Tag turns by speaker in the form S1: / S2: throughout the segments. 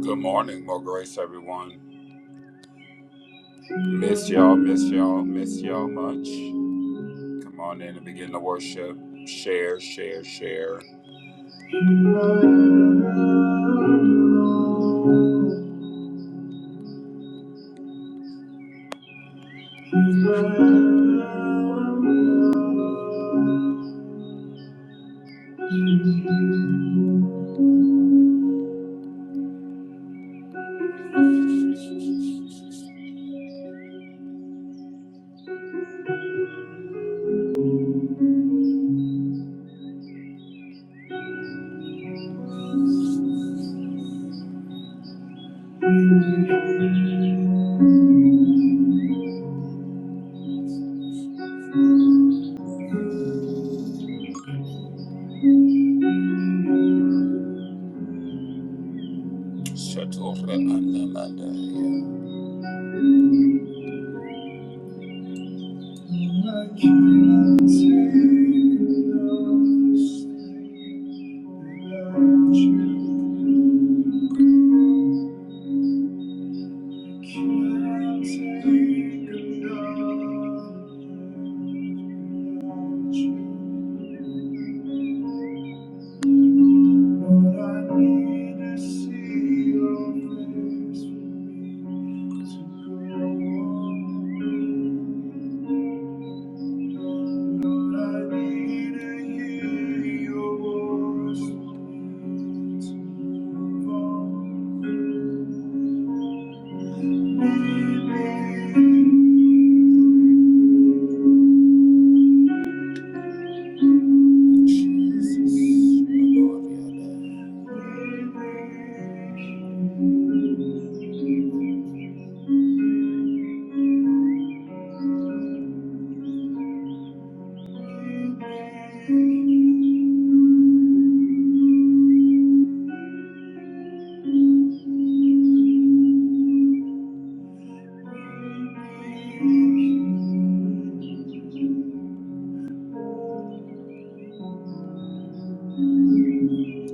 S1: Good morning, more grace, everyone. Miss y'all, miss y'all, miss y'all much. Come on in and begin to worship. Share, share, share. Shatora anda manda ya. You are king of kings. I need to see your face to go on. I need to hear your voice to move on. Lead me,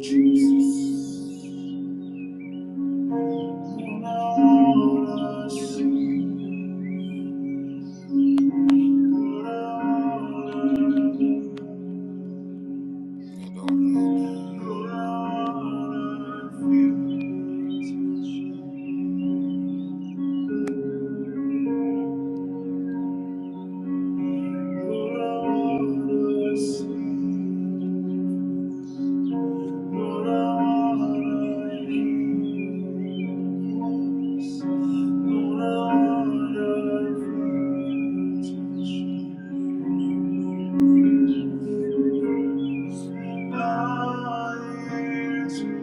S1: Jesus.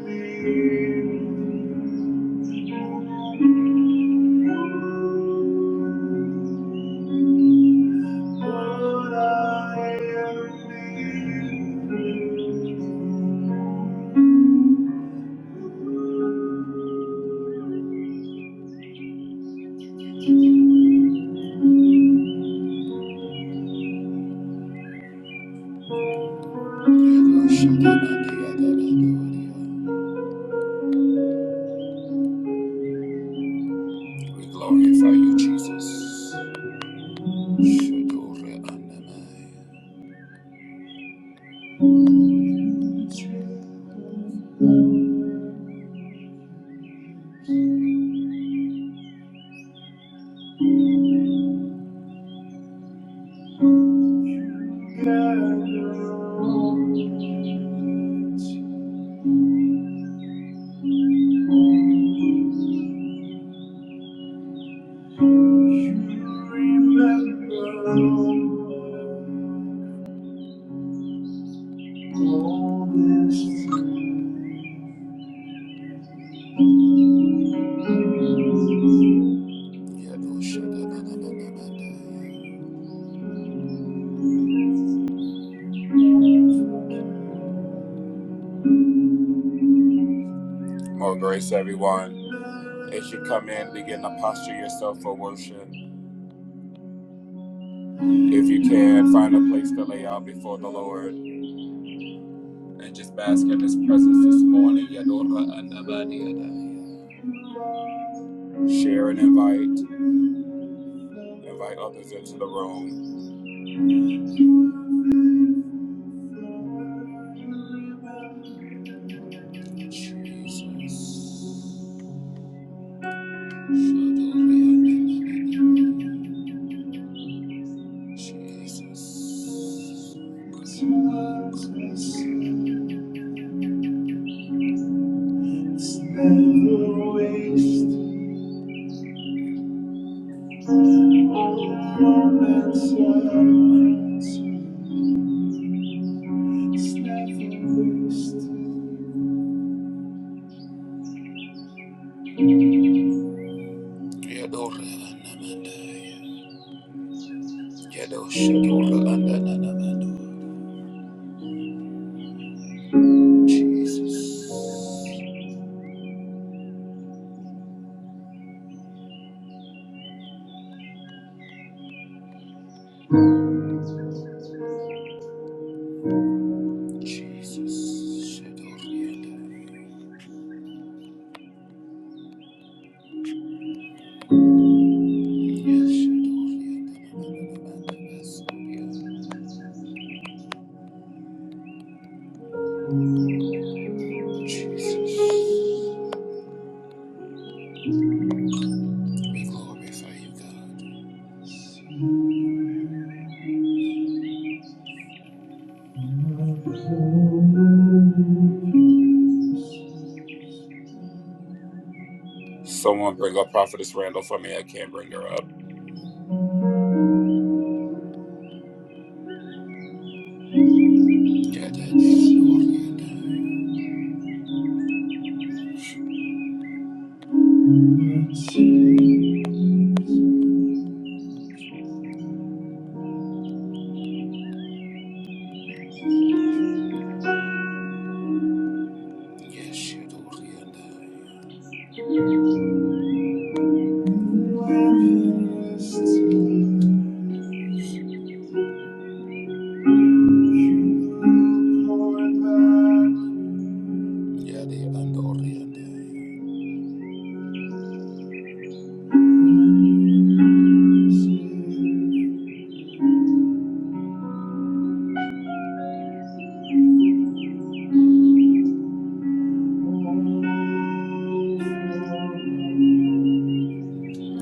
S1: Thank you. We glorify you, Jesus. More grace, everyone. As you come in, begin to posture yourself for worship. If you can, find a place to lay out before the Lord and just bask in His presence this morning. Share and invite. Invite others into the room. Jesus, Jesus. Let's never waste All moments of grace. Let's never waste. Yadora anamandaya. Yadosha dora andananamando. Jesus. Jesus. Shadorianda. Yes, Shadorianda. Someone bring up Prophetess Randall for me. I can't bring her up. Yeah, the Andorianda.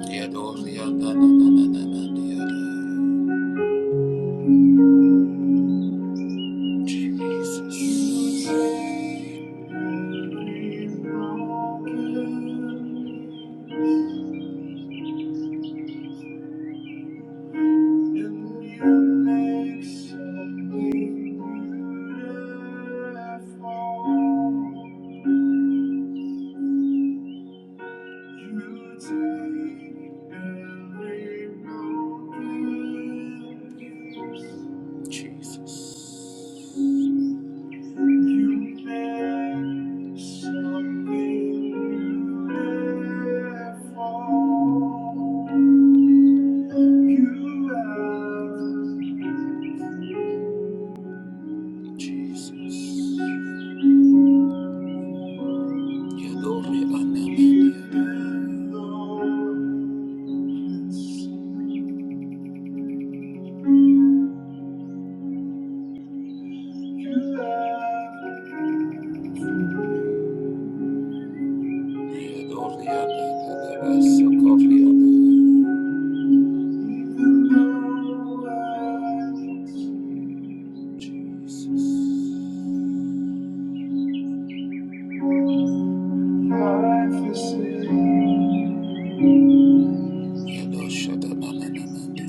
S1: Yeah, Dorianda. Jesus. You have Jesus. Yadore anamandi. Yadore Jesus. Yadoshadamanamandi.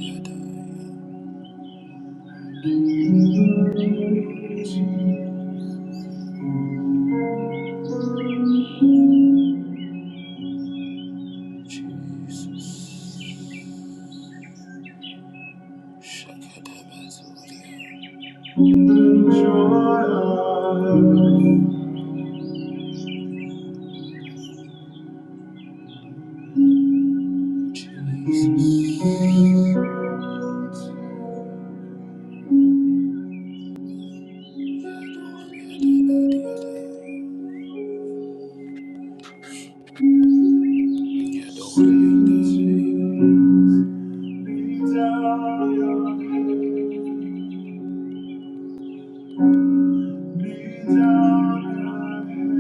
S1: Jesus. Shakadabazuri. Jesus. Yadore Lean down your head. Lean down your head.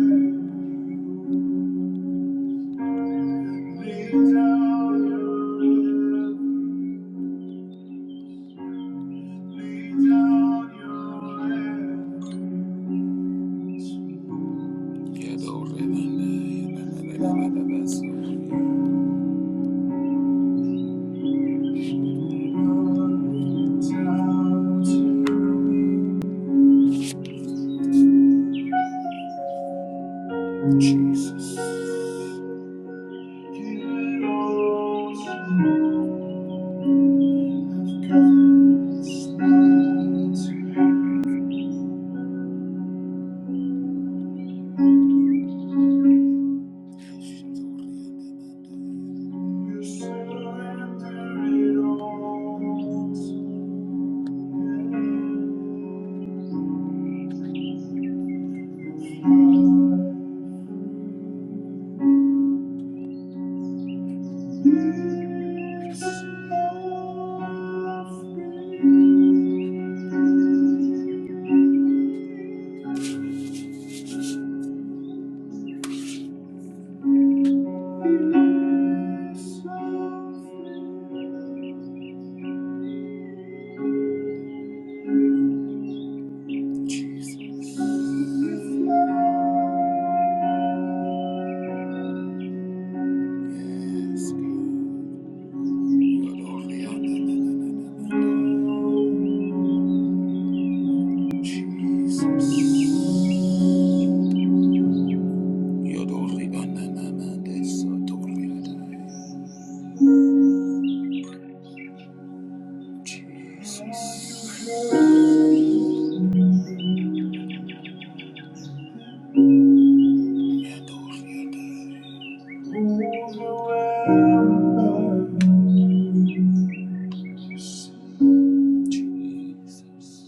S1: Lean down your head. Lean down your head. Yellow ribbon, Lean down to Jesus. Give it all to God's mighty hand. You surrender all. Jesus. Yes, God. You're only on Jesus. You're only on this.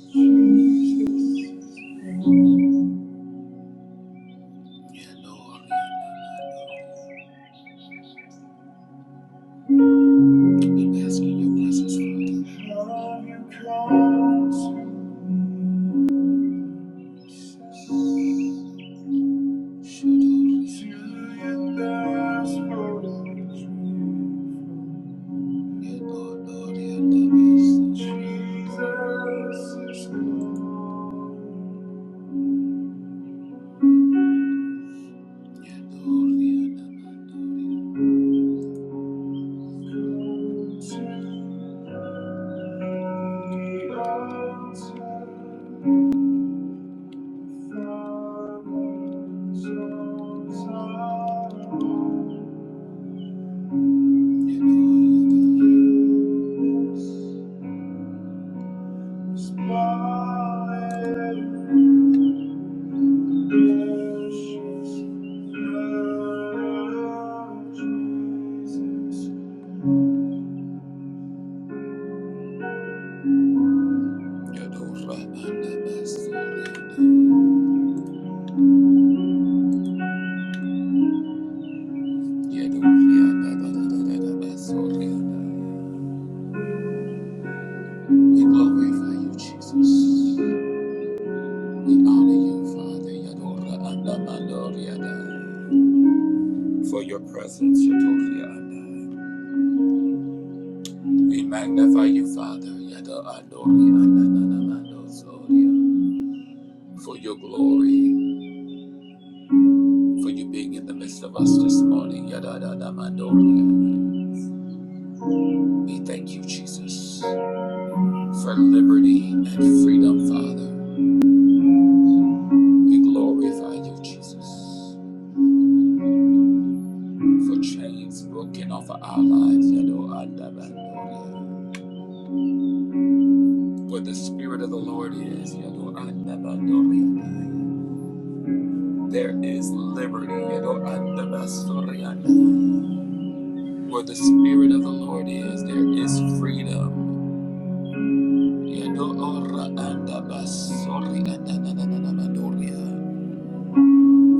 S1: Jesus. You're only Jesus. Smile. We glorify you, Jesus. We honor you, Father. For your presence, We magnify you, Father. Yada andori anda For your glory. for you being in the midst of us this morning. We thank you, Jesus, for liberty and freedom, Father. We glorify you, Jesus, for chains broken off of our lives. Where the Spirit of the Lord is, there is liberty. Where the Spirit of the Lord is, there is freedom.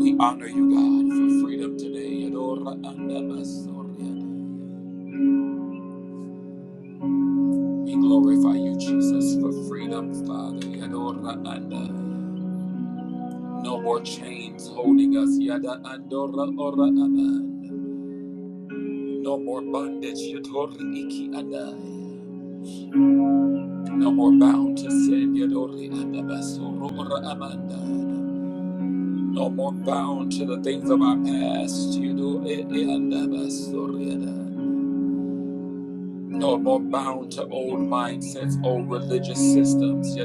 S1: We honor you, God, for freedom today. We glorify you, Jesus, for freedom, Father. No more chains holding us. No more bondage. No more bound to sin. No more bound to the things of our past. You do it in No more bound to old mindsets, old religious systems.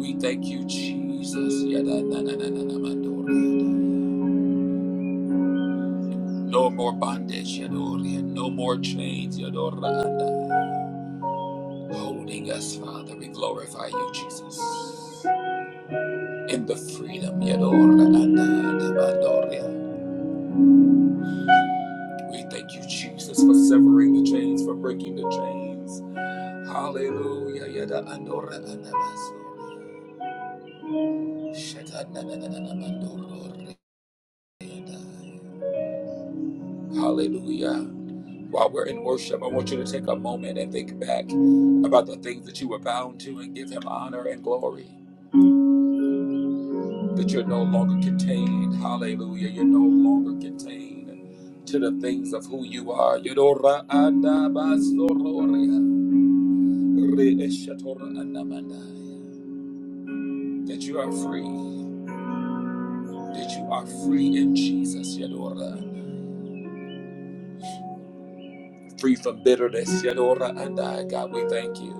S1: We thank you, Jesus. yeah, yeah, yeah, yeah, yeah, yeah, yeah, yeah. No more bondage, no more chains, Holding us, Father, we glorify you, Jesus. in the freedom. We thank you, Jesus, for severing the chains, for breaking the chains. Hallelujah. Hallelujah. While we're in worship, I want you to take a moment and think back about the things that you were bound to and give him honor and glory. that you're no longer contained. Hallelujah. You're no longer contained to the things of who you are. Yodora adabasororea, reeshatora andamandai. That you are free. That you are free in Jesus. Yodora. Free from bitterness. Yodora andai. God, we thank you.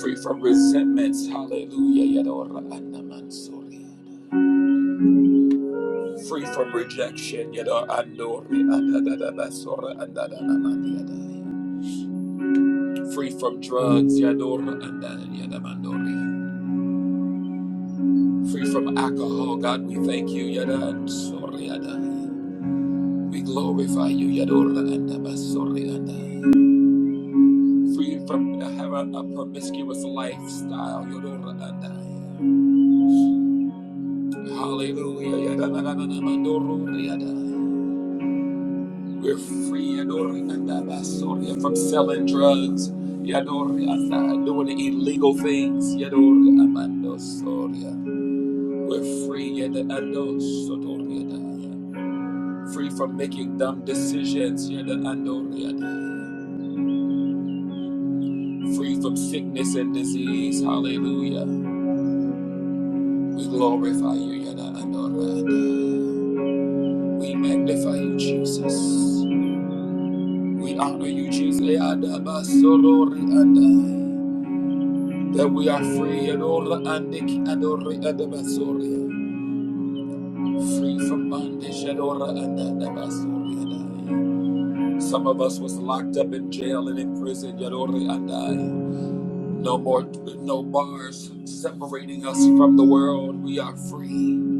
S1: Free from resentments. Hallelujah. Yodora andamansoria. Free from rejection. Yodora andori andadadabasora andadadamandiyadai free from drugs, Yador Andan Yadamandori, free from alcohol. God, we thank you, Yada and Soriada. We glorify you, Yador Andabasori Andai. Free from having a promiscuous lifestyle, Yador Andai. Hallelujah, Yadamandoro Riadai. We're free, Yador Andabasoria, from selling drugs, Yador Andai, doing illegal things, Yador Amando Soria. We're free, yada ando sotoriada. Free from making dumb decisions, yada ando riada. Free from sickness and disease, hallelujah. We glorify you, yada ando riada. We magnify you, Jesus. We honor you, Jesus. Yada That we are free, adora andik adore adabasoria. Free from bondage, adora andada basoriada. Some of us was locked up in jail and in prison. Yadori andai. No more, no bars separating us from the world. We are free.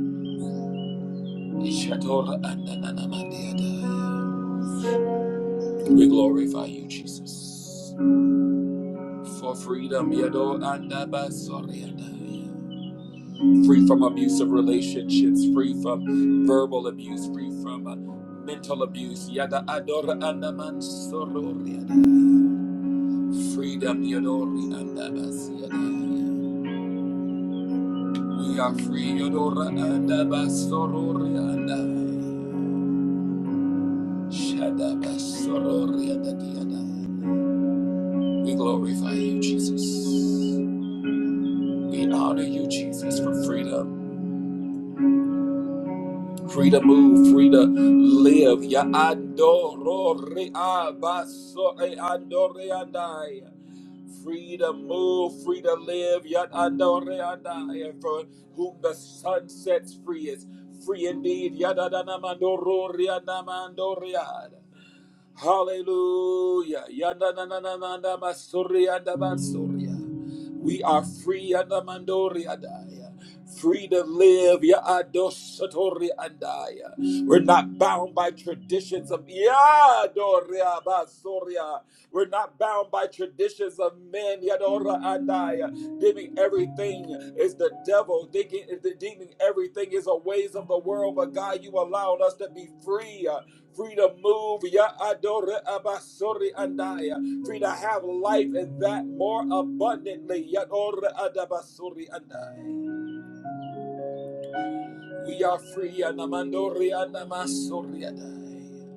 S1: Ishadora andananamandiadai. We glorify you, Jesus, for freedom. Yador andabasori Free from abusive relationships, free from verbal abuse, free from uh, mental abuse. Yada adora andamansorori Freedom Yodori and Abbas Yadai. We are free Yodora and Abbas Sorori and I. Shadabas Sorori and Adiadai. We glorify you, Jesus. We honor you, Jesus, for freedom. free to move, free to live. Ya andoro re abaso e andore andai. Free to move, free to live. Ya andore andai. And for whom the sun sets free is free indeed. Ya da da na mandoro re anamando Hallelujah. Yanda na na na na na masori yanda masoria. We are free yanda mandori adaya. Free to live. Ya adosatori andaya. We're not bound by traditions of Yadoria Basoria. We're not bound by traditions of men. Yadora andaya. Deeming everything is the devil. Thinking, deeming everything is a ways of the world. But God, you allowed us to be free free to move. Ya adore abasori andaya. Free to have life and that more abundantly. Ya adore adabasori andaya. We are free. Anamandori anamasori andaya.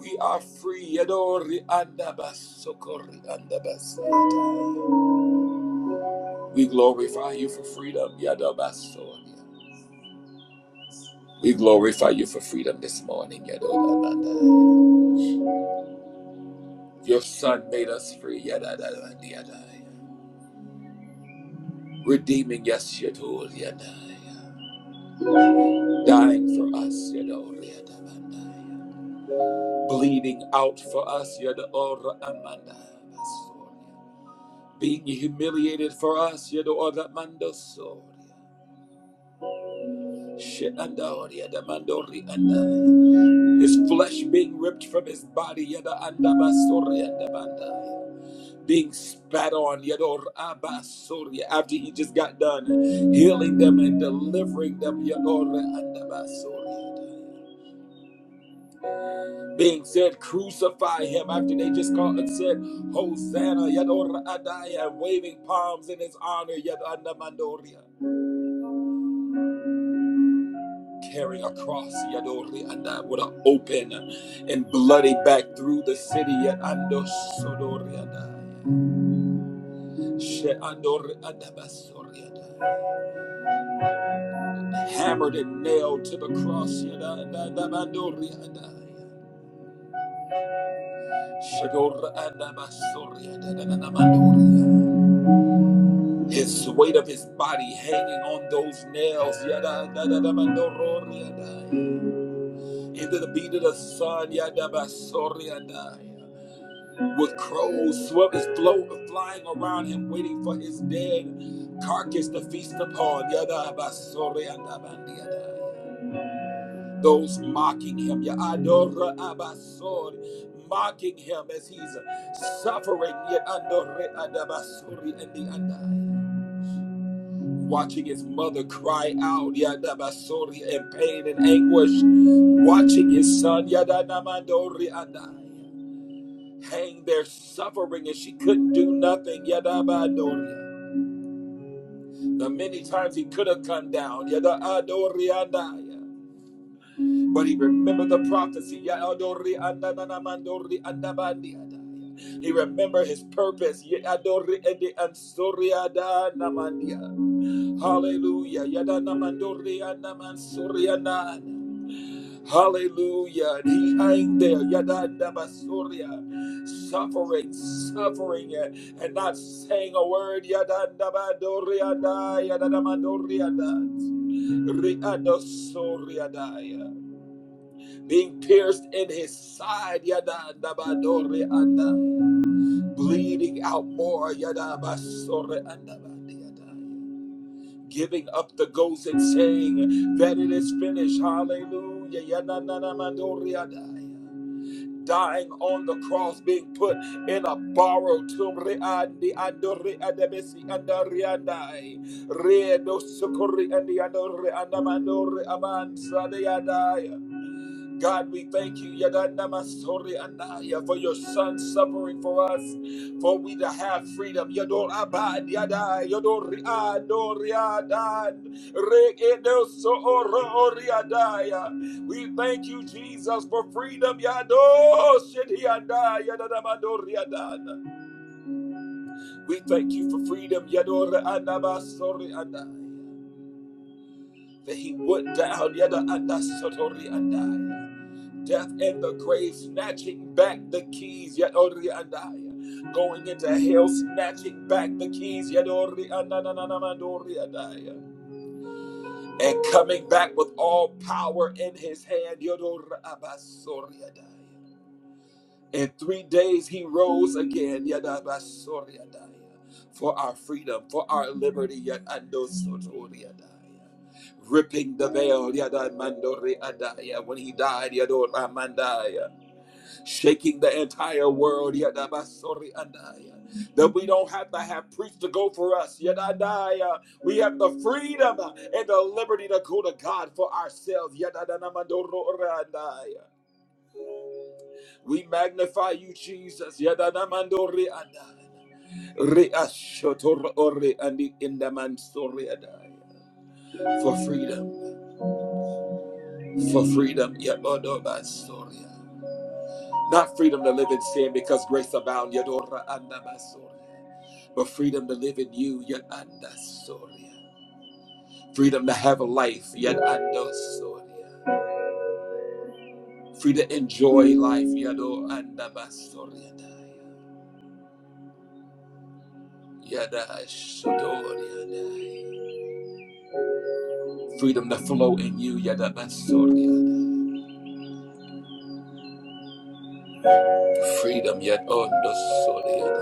S1: We are free. Yadori andabasokori andabasandaya. We glorify you for freedom. Yadabasori. We glorify you for freedom this morning. Yadodamandaya. Your son made us free. Yadadadadiyadaya. redeeming us, Yadoliadaya, dying for us, Yadoliadabandaya, bleeding out for us, Yadora Amandaya, being humiliated for us, Yadora Mandosoria. Shenandoria da mandori His flesh being ripped from his body, yada andabasoria andabanda. being spat on, Yador Abasuri, after he just got done healing them and delivering them, Yador Andabasuri. Being said, crucify him after they just called and said, Hosanna, Yador Adaya, waving palms in his honor, Yadanda Mandoria. Carrying a cross, Yadori Anda, with an open and bloody back through the city, Yadando Sodori Adaya, She Andor Adabasori Adaya. hammered and nailed to the cross. His weight of his body hanging on those nails. Into the beat of the sun. With crows, swept float flying around him, waiting for his dead carcass to feast upon. those mocking him, your Adora Abasor, mocking him as he's suffering, yet Adore Adabasori and the Adai. Watching his mother cry out, Yadabasori, in pain and anguish. Watching his son, Yadanamadori Adai, hang there suffering and she couldn't do nothing, Yadabadoria. The many times he could have come down, Yada Adori Adai. But he remembered the prophecy. Ya adori andanana mandori andabandi adaya. He remembered his purpose. Ye adori ede ansori adana Hallelujah. Yadana mandori andamansori anana. Hallelujah. And he hang there. Yadana basoria. Suffering, suffering, and and not saying a word. Yadana mandori adaya. Yadana mandori adaya being pierced in his side, yada dabadore anda, bleeding out more, yada basore anda yada. giving up the ghost and saying that it is finished, hallelujah, yada nana mandore yada. Dying on the cross, being put in a borrowed tomb, re andore adabesi andare andai, sukuri andi andore andamandore aman sadayadai. God, we thank you, Yadanamasori Anaya, for your son suffering for us, for we to have freedom. Yador Abad Yada, Yador Riad, Doriadan, Regedoso Oro Oriadaya. We thank you, Jesus, for freedom. Yado Shediada, Yadanamador Riadan. We thank you for freedom, Yador Anamasori Anaya, that he went down, Yadanasotori Anaya. death and the grave, snatching back the keys, Yet Andaya. Going into hell, snatching back the keys, Yadori Anananamandori Andaya. And coming back with all power in his hand, Yadori Abasori In three days he rose again, Yadabasori Andaya. For our freedom, for our liberty, Yadandosotori Andaya ripping the veil, yada mandori When he died, yadora mandaya shaking the entire world. Yadabasori andaya. That we don't have to have priests to go for us. Yadadaya. We have the freedom and the liberty to go to God for ourselves. Yadadanamandoro orandaya. We magnify you, Jesus. Yadadanamandori andaya. Reashotor ore andi indaman sori andaya. For freedom. For freedom. Yabodobasoria. Not freedom to live in sin because grace abound, Yadora Andabasoria. But freedom to live in you, Yadandasoria. Freedom to have a life, Yadandosoria. Free to enjoy life, Yado Andabasoria. Yadashodoria. Freedom to flow in you, Yadabasoria. Freedom, Yadondo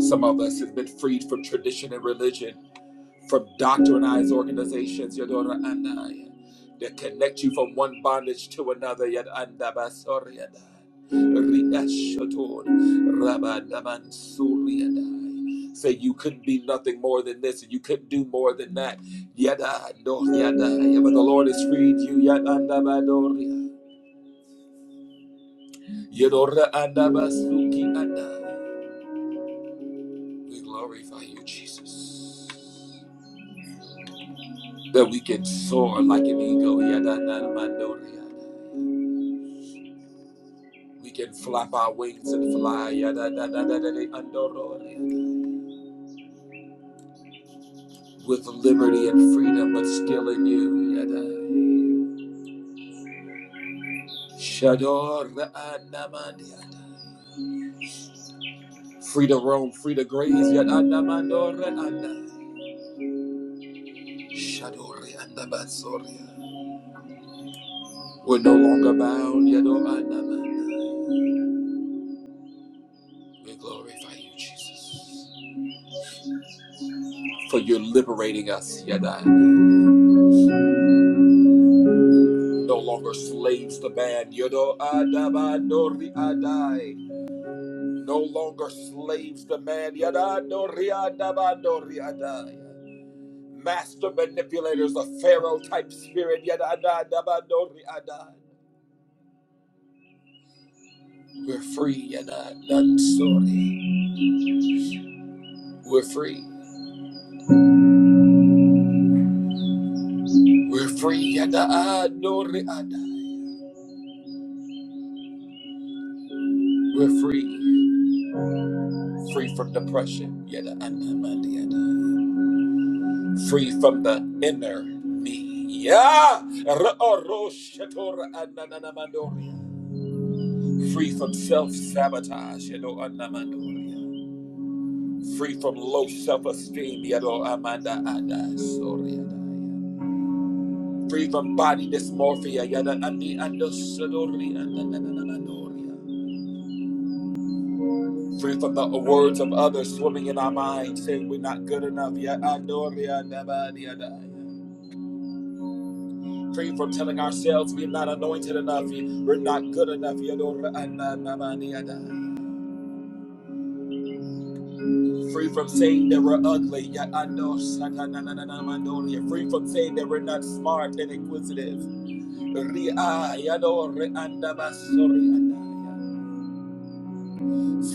S1: Some of us have been freed from tradition and religion, from doctrinized organizations, Yadora Anaya, that connect you from one bondage to another, Yad Andabasoriada. Riashator, Rabadabansuriadai. Say you couldn't be nothing more than this, and you couldn't do more than that. Yada, no, yada, yeah, but the Lord has freed you. Yadandabadoria. Yadora andabasuki andai. We glorify you, Jesus. that we can soar like an eagle. Yada na na yada. We can flap our wings and fly. Yada da da da da da andoro With liberty and freedom, but still in you. Yada. Shador ra yada. Free to roam, free to graze. Yada na mandoro yada. Shador yada We're no longer bound. Yado na We glorify you, Jesus, for you're liberating us. Yada. no longer slaves to man. Yodo adabadori adai. No longer slaves to man. Yadadori adabadori adai. Master manipulators of Pharaoh type spirit. Yadadadabadori adai. We're free, Yadadansori. We're free. We're free, Yadadori adai. We're free. Free from depression. Yadadamandi adai. free from the inner me. Yeah. Ra-oro-shetora anananamandoria. Free from self sabotage. Free from low self esteem. Free from body dysmorphia. yada ani andosodori anananamandoria. Free from the words of others swimming in our mind saying we're not good enough. Yeah, free from telling ourselves we're not anointed enough, we're not good enough. Free from saying that we're ugly. Free from saying that we're not smart and inquisitive.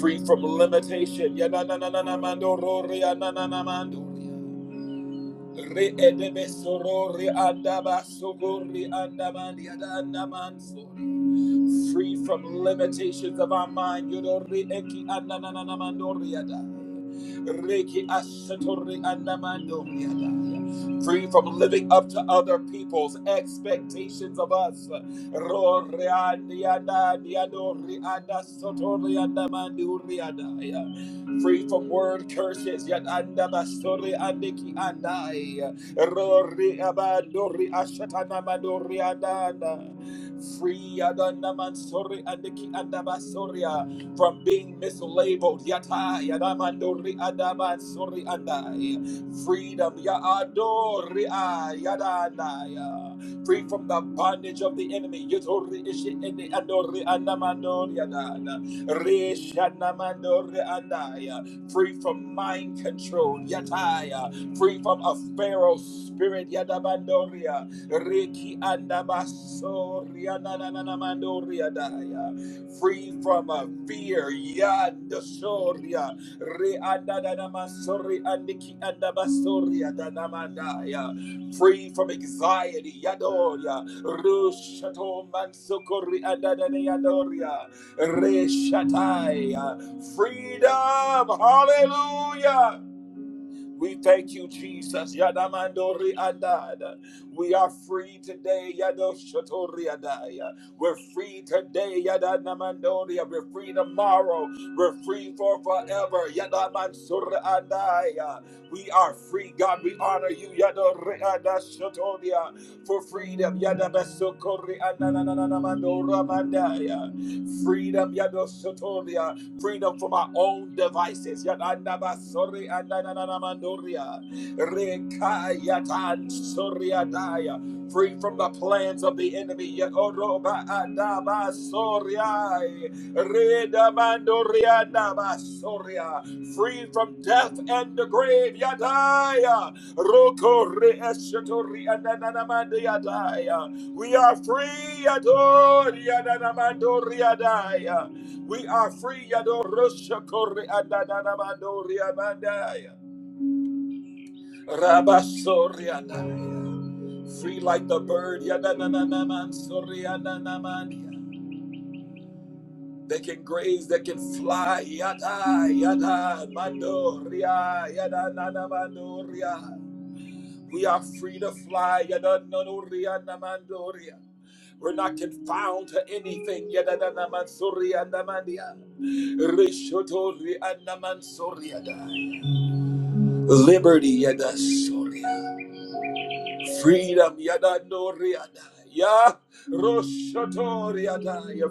S1: Free from limitation. Re edebe soro re andaba sogo andaman yada sori. Free from limitations of our mind. Yodo eki anananamando yada. Reki ashato re yada. Free from living up to other people's expectations of us. Ro re andi yada, yado anda soto re yada free from word curses. Yet anda basuri andiki andai. Rori abandori ashatana mandori andana. Free adana mansori andiki andabasoria from being mislabeled. Yata yadamandori adabansori andai. Freedom yaadori ayadanaya. Free from the bondage of the enemy. Yatori ishi indi andori andamandori adana. Re shanamando andaya. Free from mind control. Yataya. Free from a pharaoh spirit. Yadabandoria. Reki andabaso. Rianananamandoria daya. Free from a fear. Yandasoria. Re andanamasori andiki andabasoria danamandaya. Free from anxiety. Yadoria. Rushato mansokori andanayadoria. Reshatai. uh, Freedom. Hallelujah. We thank you, Jesus. Yadamandori andada. We are free today. Yadoshotori adaya. We're free today. Yadanamandoria. We're free tomorrow. We're free for forever. Yadamansuri andaya. We are free, God. We honor you. Yadori adashotoria. For freedom. Yadabasokori ananananamandora mandaya. Freedom. Yadoshotoria freedom from our own devices. Yadandabasori andananamandoria. Rekayatan soriadaya. Free from the plans of the enemy. Yadoroba adabasoriai. Redamandoria dabasoria. Free from death and the grave. Yadaya. Roko reeshatori andananamandiadaya. We are free. Yadori andanamandoriadaya. We are free, Yado Roshakori Adadadabadoriabandaya. Rabasorianaya. Free like the bird, Yadananamansoriananamania. They can graze, they can fly, Yada, Yada, Mandoria, Yada, nana, mandoria. We are free to fly. We're not confined to anything. Liberty, yadasoria. Freedom, Yeah,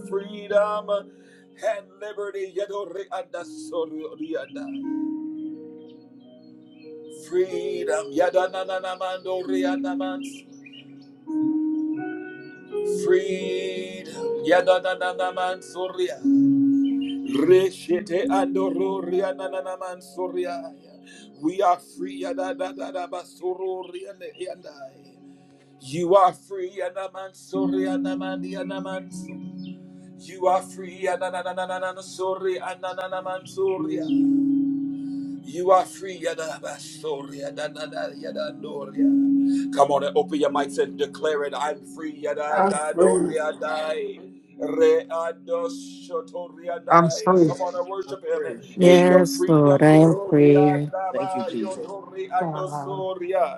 S1: Freedom and liberty, Freedom, Freedom. Yadadadada mansoria. Reshete andororia nanana mansoria. We are free. Yadadadada basororia leandai. You are free. Yadamansoria namandia namansu. You are free. Yadadadadada soria ananana mansoria. You are free. Yada ba da da da, yada doria. Come on and open your mics and declare it. I'm free. Yada
S2: I'm
S1: da
S2: free.
S1: doria dai. Re ado
S3: I'm
S1: dai.
S3: free.
S1: Come on and
S4: I'm
S1: worship him
S4: free.
S1: in your
S5: Yes, Lord,
S1: freedom.
S5: I
S4: Free.
S5: am
S1: Yadoria
S5: free.
S1: da
S4: Thank you,
S1: ba,
S4: Jesus.
S1: yodori ado
S5: God,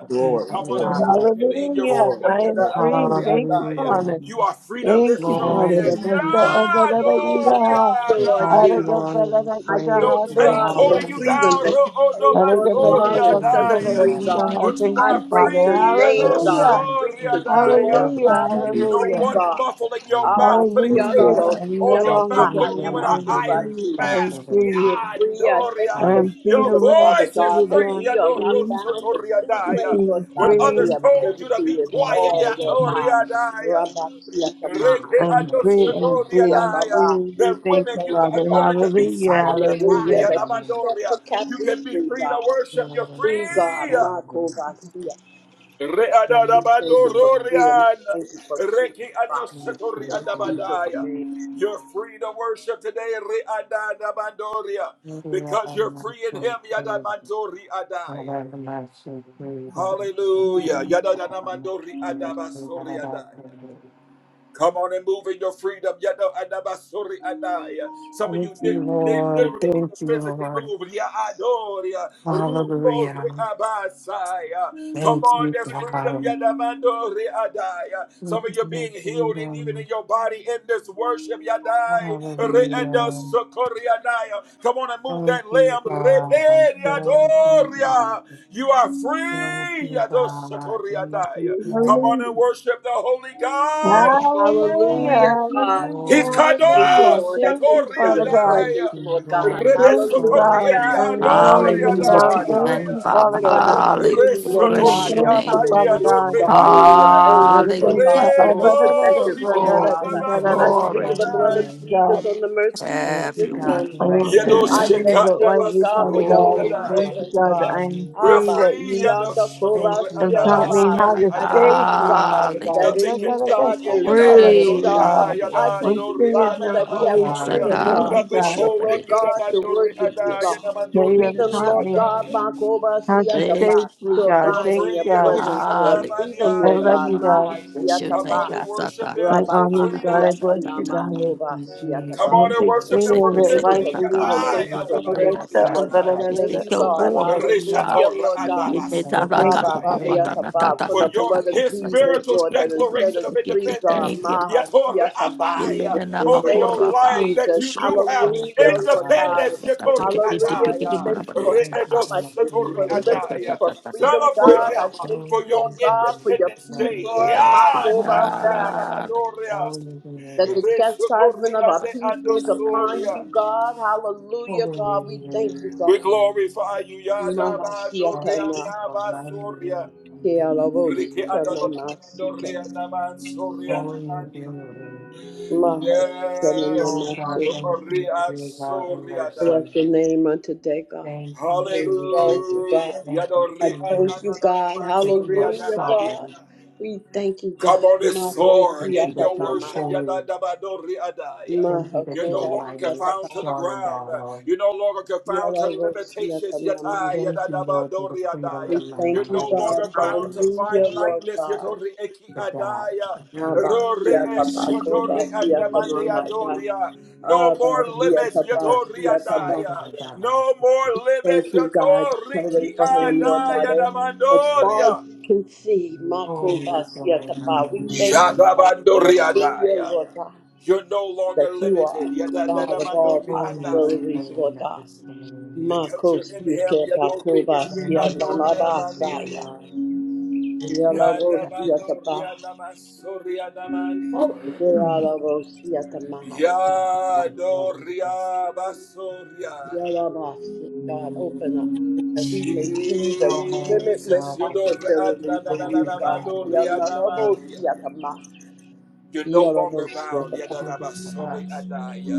S4: Glory,
S1: Come
S5: mighty
S1: on and
S4: glory,
S5: God,
S1: worship him in your
S6: Hallelujah.
S4: glory,
S1: freedom.
S6: I am
S1: Yada
S4: glory,
S6: free.
S4: glory.
S1: adoria
S6: Thank you,
S1: dai.
S5: hallelujah.
S6: Father.
S1: You are free to
S6: Thank
S1: lift
S6: you,
S1: your
S4: I'm
S6: Father.
S4: free.
S6: that
S5: Glory
S1: hands.
S4: I am free.
S6: my
S5: to
S6: step- uh, that
S5: God.
S6: I can
S4: No
S7: I
S4: check.
S6: go.
S7: thank
S1: Yadoria
S4: No
S7: you,
S4: check.
S7: Lord
S6: I
S5: All
S1: dai.
S6: can go,
S7: Jesus.
S5: glory
S6: but
S5: and
S6: I
S7: I
S6: can
S5: praise
S7: thank
S1: No
S6: go.
S7: you,
S6: Thank
S7: God,
S1: chains
S6: you,
S5: belongs
S7: for
S4: Glory,
S1: holding
S6: God.
S1: you
S5: to
S4: Lord.
S7: freedom
S1: down.
S5: you.
S7: that you paid,
S6: I can
S7: Lord
S6: go,
S4: Give
S6: but
S4: us a
S5: Thank
S6: I
S4: little
S5: you
S7: God,
S6: can
S4: bit
S7: and
S5: for
S4: of
S6: go,
S5: the
S7: set
S1: Ro'odobasoriadai.
S7: us
S6: but
S4: freedom
S6: I
S7: free,
S4: in
S6: can
S5: kingdom.
S7: God.
S6: go.
S1: But you
S6: Thank
S7: I
S6: you,
S1: are
S7: praise
S6: Father.
S7: your
S1: free.
S7: name,
S5: Thank you that
S6: Hallelujah.
S7: God.
S5: I'm
S7: Free
S5: free
S7: the
S5: from
S7: store,
S1: Adosoriadai.
S4: the
S6: Hallelujah.
S4: name
S5: every
S4: of
S7: Father,
S5: reason
S4: Jesus.
S1: No
S6: Hallelujah.
S7: free,
S1: one
S7: God.
S1: muffling your
S7: Abba,
S1: mouth,
S4: We
S1: putting
S7: Siana,
S1: tape
S6: Hallelujah.
S4: adore you.
S6: I'm no
S1: on
S7: Rosia,
S1: your
S5: and
S6: longer
S1: mouth,
S5: every
S1: putting
S7: Tamahaya,
S1: you
S6: bound.
S1: in
S6: I
S5: burden
S1: an
S6: am
S5: beginning
S1: iron
S6: free.
S7: Masubasi.
S6: I
S5: thanks
S6: am
S1: mask.
S5: for this.
S6: free.
S7: You free us. Thank
S5: I
S7: you
S6: I
S1: Yadoria.
S7: for
S5: am
S6: am free
S5: free.
S1: Your
S6: to
S7: freedom,
S6: love,
S7: Father
S1: voice
S6: free
S1: is
S6: to
S7: God, that
S1: free.
S6: dance,
S7: we are not
S6: free
S7: bound in any
S6: to
S1: Yadorosotoriadai.
S7: way, Lord
S6: sing,
S1: When
S7: God,
S5: Hallelujah.
S7: but
S6: free.
S7: we
S1: others
S7: have
S1: told you to be
S7: liberty in
S5: Thank
S1: quiet,
S5: you,
S7: all, Lord
S5: God.
S7: God.
S1: Yatoriadai,
S7: Rabakia
S5: Thank you
S1: Reke
S6: I
S5: for
S6: am
S7: Samaya,
S5: my
S6: free, I'm
S5: freedom.
S1: adosatoria
S6: free,
S7: Rabakia
S6: I'm
S1: daya.
S7: Baba.
S6: free.
S1: That
S6: We
S7: We
S6: thank
S1: women,
S6: you,
S1: you
S7: thank you,
S6: Father.
S1: only to
S7: God.
S1: be
S5: Thank
S6: Hallelujah,
S5: you,
S1: silent.
S5: Lord,
S1: yet
S5: for
S1: high,
S7: Hallelujah,
S6: hallelujah.
S7: that you
S5: that.
S7: set the
S1: adamandoria. You can
S7: captives
S1: be
S7: free,
S1: free to
S7: God.
S5: Thank
S1: worship. You're
S5: you, Lord.
S7: Free, God.
S1: free.
S5: Thank
S7: Marco Basia.
S1: Re
S7: We
S5: you,
S7: thank you for freedom.
S1: adadabandororian.
S7: Thank you for freedom,
S1: Reke
S7: Father.
S1: adosatoria
S7: In Jesus'
S1: andabadaya.
S7: name.
S1: You're free to worship today. Re adadabandoria. Because you're free in Him. Yadamandori adaya. Hallelujah. Yadadamandori adabasoria daya. Come on and move in your freedom. Yada adabasuri adaya. Some of you li- li- literally need to physically
S5: Lord.
S1: move. Ya adoria, rugo abasaya. Come on, there's freedom. Yada mandori adaya. Some of you are being healed and even in your body in this worship. Yadai re eda
S5: Hallelujah.
S1: sokori adaya. Come on and move
S5: Thank
S1: that
S5: you,
S1: lamb.
S5: God. Thank you for my freedom. Hallelujah. Thank you, God.
S1: Repent,
S5: Thank you,
S1: yadoria.
S5: God.
S1: You are
S5: Thank
S1: free.
S5: you,
S1: Yado
S5: God.
S1: sotori
S5: Thank
S1: adaya.
S5: you,
S1: Come
S5: God.
S1: on and
S6: Hallelujah,
S1: worship the Holy
S5: Thank
S1: God.
S5: you,
S6: hallelujah,
S7: Hallelujah,
S5: God.
S7: God.
S6: hallelujah,
S5: Oh,
S7: I thank
S5: God.
S7: you,
S6: hallelujah.
S1: Hiskados
S7: Lord. I
S6: Thank
S7: thank
S6: you,
S7: you for
S6: Father
S7: your
S6: God.
S5: Glory
S7: presence,
S5: to
S1: yatoriadaya.
S7: Lord God.
S5: glory.
S6: Thank you,
S7: Hallelujah.
S6: God.
S5: Oh,
S7: I
S6: I'm
S7: thank you
S5: glory
S6: no
S7: for who
S6: longer
S7: you
S8: Hallelujah
S5: glory
S8: to
S6: bound.
S7: are,
S8: your
S7: God.
S6: Thank
S5: belongs
S8: name,
S1: Rebesokorieliadoriadaya.
S6: you,
S5: to
S8: Father.
S6: Father
S7: Lord,
S5: you.
S6: God.
S7: the
S8: Hallelujah.
S6: I'm
S7: ability, Lord
S5: For
S6: free.
S8: Bless
S7: God,
S5: you
S8: your
S7: to
S5: are
S6: Thank
S8: name.
S7: come
S6: you,
S5: holy
S6: Father
S7: into
S5: and
S6: God.
S7: the
S5: mighty and
S7: Holy of
S1: Reshotoriabadiadoriadaya.
S7: Holies,
S6: Brother,
S7: Lord
S5: magnificent.
S6: thank
S7: God,
S8: Hallelujah.
S6: you,
S7: to
S6: uh, brother,
S7: worship
S8: Glory,
S7: at
S6: brother,
S7: your feet,
S5: Thank
S6: brother, brother,
S8: glory,
S7: Father.
S5: you,
S6: brother,
S7: I
S5: God, for
S8: glory
S5: my
S7: sprinkle the
S8: to you.
S7: blood
S1: Redorikianabadoriadaya.
S6: Thank
S7: of
S6: you,
S5: freedom.
S7: Jesus
S6: God.
S7: on the mercy seat on
S5: Thank
S8: Have
S5: you,
S7: this
S8: your way.
S5: God, for
S6: I
S7: morning,
S5: my
S7: God.
S6: won't take
S7: I
S8: Have
S6: any
S5: healing.
S6: of
S7: thank
S6: the
S7: you, Lord
S6: lightly,
S7: God, for
S6: Father
S7: your
S5: Thank
S6: God.
S5: you,
S7: holy
S8: glory
S6: Thank
S1: Yedoshekadabasorieliadaya.
S6: you,
S5: God,
S7: presence,
S8: to
S5: for
S6: God,
S8: you.
S6: that I
S7: God.
S6: am
S5: me.
S1: We're
S6: free,
S8: Bless,
S7: Abba,
S6: that
S1: free.
S6: you
S7: Shionda,
S5: Thank
S7: Koba,
S5: you,
S6: and taught
S5: God.
S8: bless
S6: me
S7: Shiolaba.
S6: how
S8: God.
S6: to
S7: I
S6: stay
S7: thank
S1: Yadoshotoriadadanamadoriadaya.
S7: you,
S6: free,
S7: God,
S6: Father
S8: Hallelujah.
S6: God.
S7: that
S1: Nothing
S7: in you, God,
S1: containing you.
S7: there is
S1: Yada
S7: liberty,
S1: dori
S8: Praise
S7: God.
S1: ah,
S8: you.
S7: I
S5: Thank
S1: yada
S6: When
S7: thank you,
S1: dori
S6: free is
S1: ah,
S7: Father,
S6: not
S7: that we
S5: you,
S1: daba
S7: have
S6: always
S8: Yes, I
S7: freedom,
S1: soria.
S6: free,
S5: God.
S8: call
S6: thank
S7: God.
S6: you,
S8: him.
S1: Nothing
S6: God,
S7: Freedom,
S1: holding
S7: Lord
S1: you.
S7: God,
S1: Daba
S7: to
S1: dori ah,
S7: worship you,
S1: da,
S8: Yes.
S1: yada
S7: God.
S1: man
S6: that you
S1: dori
S7: Free
S6: have
S7: them,
S6: taught
S1: ah,
S7: Lord
S6: me
S7: God, Makoba
S6: how to
S8: Thank
S6: stay
S7: Siataba,
S8: you.
S6: free,
S7: to
S8: Father.
S6: God.
S1: You're
S7: abide
S6: Thank
S7: in
S6: you,
S1: free.
S7: your
S6: God.
S1: yado
S7: presence, Lord.
S1: sada
S7: Free
S8: Hallelujah.
S7: them,
S6: I
S7: Lord
S6: love
S1: mandiaya.
S7: God,
S6: you, God.
S7: Maha
S8: Bless your
S1: Come
S8: name,
S1: on
S7: Siataba,
S1: and
S8: God. Sa-
S1: worship
S8: sa-
S1: Him
S6: I
S8: sa-
S7: Rababa
S1: for
S6: honor you,
S8: sa-
S6: God.
S8: sa-
S6: I
S1: freedom.
S8: sa-
S6: bless
S8: sa-
S6: you,
S7: Siatanama,
S6: God.
S8: sa-
S5: Thank
S7: Koba
S5: you,
S8: sa.
S6: I
S1: Come
S7: Siataba.
S1: on
S6: don't
S5: Jesus.
S1: and
S6: take
S1: worship
S8: Yes,
S6: any
S1: Him
S8: thank
S1: for
S6: of
S8: you,
S6: it
S7: Thank
S8: thank
S7: you
S8: you,
S7: for
S1: liberty.
S6: lightly,
S8: thank
S1: Yada,
S8: you,
S7: freedom.
S8: my God.
S6: Father.
S1: ah,
S5: You
S7: Thank
S5: were
S7: you
S8: Sa-
S7: for
S1: yada
S8: sa-
S5: a
S1: man
S8: sa- sa-
S5: great
S1: dori
S8: sa.
S7: liberty,
S1: ah,
S7: Lord
S1: da,
S7: God. I
S8: We
S7: thank
S8: thank
S5: sacrifice
S7: you,
S8: you,
S7: God.
S8: Lord. Ah,
S7: Hallelujah,
S1: Rishatora
S7: Lord
S1: ah,
S7: God.
S1: daba
S8: in the
S5: that has
S8: name of
S1: soria,
S6: Thank
S8: God,
S1: da,
S8: sa- sa-
S7: Abba,
S5: resulted
S8: sa- sa-
S5: in
S6: you,
S5: my
S7: Siataba,
S8: sa- sa-
S7: for
S1: for
S8: sa-
S7: the
S5: freedom.
S1: your
S8: sa- sa-
S7: blood of
S1: his
S8: sa. Thank
S7: Jesus,
S8: you, thank you,
S1: spiritual
S7: Lord,
S8: thank
S7: that
S8: you,
S7: has
S8: thank you,
S7: set
S1: declaration
S7: us
S1: of
S8: thank
S7: free,
S8: you,
S7: God.
S1: independence
S8: thank you,
S7: Maha
S8: Father.
S1: Yatore
S7: Siataba.
S8: In
S1: Abaya,
S4: Thank
S8: the name of
S1: over
S7: Thank
S1: your
S7: you,
S8: God, Father.
S1: life that
S7: Jesus.
S1: you
S8: Sa-
S1: do
S8: sa- sa- sa-
S1: have
S8: sa-
S5: Thank
S7: Hallelujah,
S5: you,
S8: sa- sa-
S7: Lord
S5: God.
S7: God.
S1: independence
S8: sa- sa.
S1: Yatore
S8: Thank you, thank you,
S7: Hallelujah. We
S8: thank you, my
S1: Adaya,
S7: thank you
S8: God.
S7: for
S5: Thank
S8: Sa-
S5: you
S1: Reedo
S7: freedom.
S5: for
S7: I
S5: my
S7: thank you for
S1: Shatori
S5: freedom.
S1: Adaya.
S7: liberty,
S8: sa- sa-
S7: for
S8: sa- sa-
S7: freedom,
S1: celebrate
S7: God. I
S1: him uh,
S7: thank
S1: for
S7: you,
S5: Thank
S8: sa.
S1: your
S7: Lord
S5: you,
S7: God, for
S5: Father.
S7: your
S1: independence
S7: peace,
S5: Love
S1: day
S5: you.
S7: Lord.
S8: Yes,
S7: My God, my
S1: Yadaya
S7: God,
S8: Lord.
S1: Nadabadoria,
S5: Holy is your
S7: that
S5: name.
S7: the chastisement
S1: Reshotori
S7: of our
S1: Ande
S7: peace was upon
S1: Andosoria.
S7: you, God. Hallelujah,
S5: Holy is
S7: God. We
S5: your
S7: thank
S5: name.
S7: you,
S1: We
S7: God.
S1: glorify you, Yadabando
S5: Oh,
S7: Mahasiatana,
S5: you are mighty in your
S1: Rianabasoria.
S5: name.
S7: Kealabos,
S1: Riki Adabando
S7: Tanamasiket,
S1: Rianabansoria
S5: Holy is your
S1: Namandia.
S5: name.
S1: Yes,
S5: Oh, God,
S7: Mahasikanamasu.
S5: thank you
S1: Adoria
S5: for your love and mercy.
S1: Soriada.
S7: Bless your name unto day, God.
S5: Thank you
S7: We
S5: for your
S7: exalt
S5: grace.
S7: you,
S1: Hallelujah.
S7: God.
S5: Thank you
S7: I
S5: for
S1: Yadoria
S5: your
S7: thank you, God.
S5: that you are
S1: Nananamansoria
S7: Hallelujah, God.
S5: sovereign.
S1: Namandia.
S7: We thank you,
S1: Come
S7: God.
S1: on this
S7: Mako
S1: floor
S5: Thank
S1: in
S5: you that
S1: your
S5: you are
S7: siatanama.
S1: worship.
S5: holy.
S1: Yadadabadori adaya.
S5: Thank you that
S1: You're no
S5: you're
S7: Mahakura
S1: longer
S5: mighty,
S1: confined
S7: siatapa.
S1: to the
S5: strong in
S1: ground.
S5: battle.
S1: You're no longer confined to
S7: Yararo
S1: limitations.
S7: siatanama.
S1: Yatai
S5: Thank you, Lord, for the
S1: yadadabadori
S5: freedom
S1: adaya.
S7: We
S5: in my
S1: You're
S7: thank you,
S1: no
S5: mind that
S1: longer
S7: God.
S5: comes
S1: bound
S5: from
S1: to
S5: this
S7: Hallelujah,
S5: time,
S7: Lord
S1: finiteness.
S7: God.
S1: Yatori eki
S5: the doubts
S1: adaya.
S5: of
S7: Abba
S5: freedom.
S1: Rori
S7: siatapa. Koba
S1: eshodori adamani
S7: siatamahaya.
S1: adoria. No
S7: Abba
S1: more
S5: Thank you,
S1: limits.
S5: God,
S7: siatapa
S1: Yatori
S5: for the sleep
S7: siatapa.
S5: that
S1: adaya.
S5: I got
S1: No
S5: last
S1: more
S5: night.
S7: We
S1: limits.
S7: Thank you, God.
S1: Yatori
S7: You
S1: ki
S7: for Him, Lord God,
S1: adaya
S7: eh, as far as
S1: damandoria.
S7: we can see,
S5: Holy is the
S7: Makubasia Tapa.
S5: Lamb.
S7: We thank you, God.
S1: Shadabandoria
S7: Hallelujah,
S1: adaya.
S7: Lord God,
S1: You're no longer
S7: that you are
S1: limited.
S7: God of all
S1: Yadadadamandori
S5: Holy is the
S1: andai.
S7: possibilities,
S5: Lamb
S7: Lord
S5: that
S7: God.
S5: was slain.
S1: Because you're in
S7: Makosia
S1: him.
S7: Tapa,
S1: Yadori isri
S5: Thank
S7: Kubasia
S5: you,
S1: andori
S5: God, for your
S1: amandia.
S7: Namabasaya.
S5: love. Your holy
S7: Yalabosia
S5: sacrifice.
S1: Yadamandori
S7: Tapa,
S1: adamasori adamandia.
S5: Oh,
S7: Yalabosia Tamahaya.
S5: Thank you, God, for loving
S1: Yadori
S5: us.
S1: abasori ad-
S7: Yarabasi, God, open up so that we may see the
S5: All love,
S7: limitless
S1: Jesus.
S5: all
S1: Yadori
S7: possibilities in
S5: all
S7: you, God.
S5: dominion,
S1: adadadadamandori
S7: Yananabosi
S1: adamandia.
S7: atama,
S1: You're no longer
S7: yarabosi
S1: bound.
S5: and
S7: atama.
S5: give it to
S1: Yadadabasori
S5: us,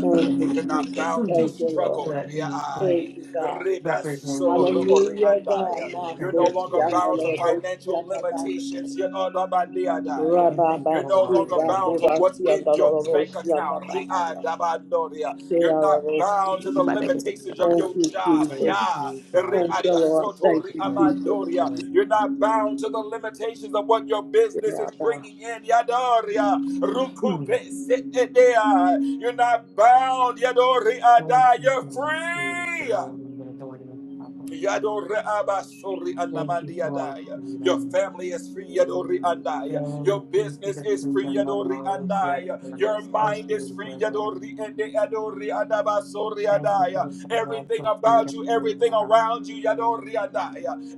S7: Thank you,
S1: You're not
S7: Jesus.
S1: bound to
S5: please,
S7: Thank you, Lord.
S5: so
S1: struggle.
S5: that we can
S7: Thank you,
S1: Riai.
S7: God.
S5: represent you
S1: Ribasori
S7: Hallelujah, God.
S1: adaya. You're
S5: and
S1: no
S5: your
S7: Marcos,
S1: longer
S5: kingdom here
S1: bound to
S5: on earth.
S7: yandalabosi
S1: financial
S7: atama.
S1: limitations. Yadadabadi adaya.
S5: Thank you,
S1: You're no
S7: Rababasi,
S5: Lord, in
S1: longer
S5: the name
S1: bound
S5: of
S1: to what's
S7: rakurasi,
S1: in your
S5: God.
S1: bank
S7: yandalabosi
S1: account.
S7: atama.
S1: Riadabadoria. You're not bound
S7: Yarabasi.
S1: to the limitations of
S7: Thank
S1: your
S7: you,
S1: job.
S7: Jesus.
S5: Thank
S1: Ya.
S5: you,
S7: Thank
S5: God,
S7: you, Lord.
S5: for
S7: Thank
S1: Riadasotori
S7: you,
S5: the
S1: amandoria.
S5: glory
S1: You're
S5: and
S1: not bound to the limitations of what your business is
S7: Jesus.
S1: bringing in. Yadoria. Rukupe se edea. You're not bound, Yadori
S5: Thank
S1: Ada.
S5: you
S1: You're
S5: God, for the
S1: free.
S5: promoting the authority of suffering. Thank you for our
S1: Your
S5: freedom.
S1: family is free, Your
S5: Thank you for
S1: business
S5: the
S1: is free,
S5: freedom of those that are
S1: Your mind is
S5: associated
S1: free,
S5: with us. Thank you for the
S1: Everything
S5: financial
S1: about
S5: freedom
S1: you,
S5: that we
S1: everything
S5: have.
S1: around you,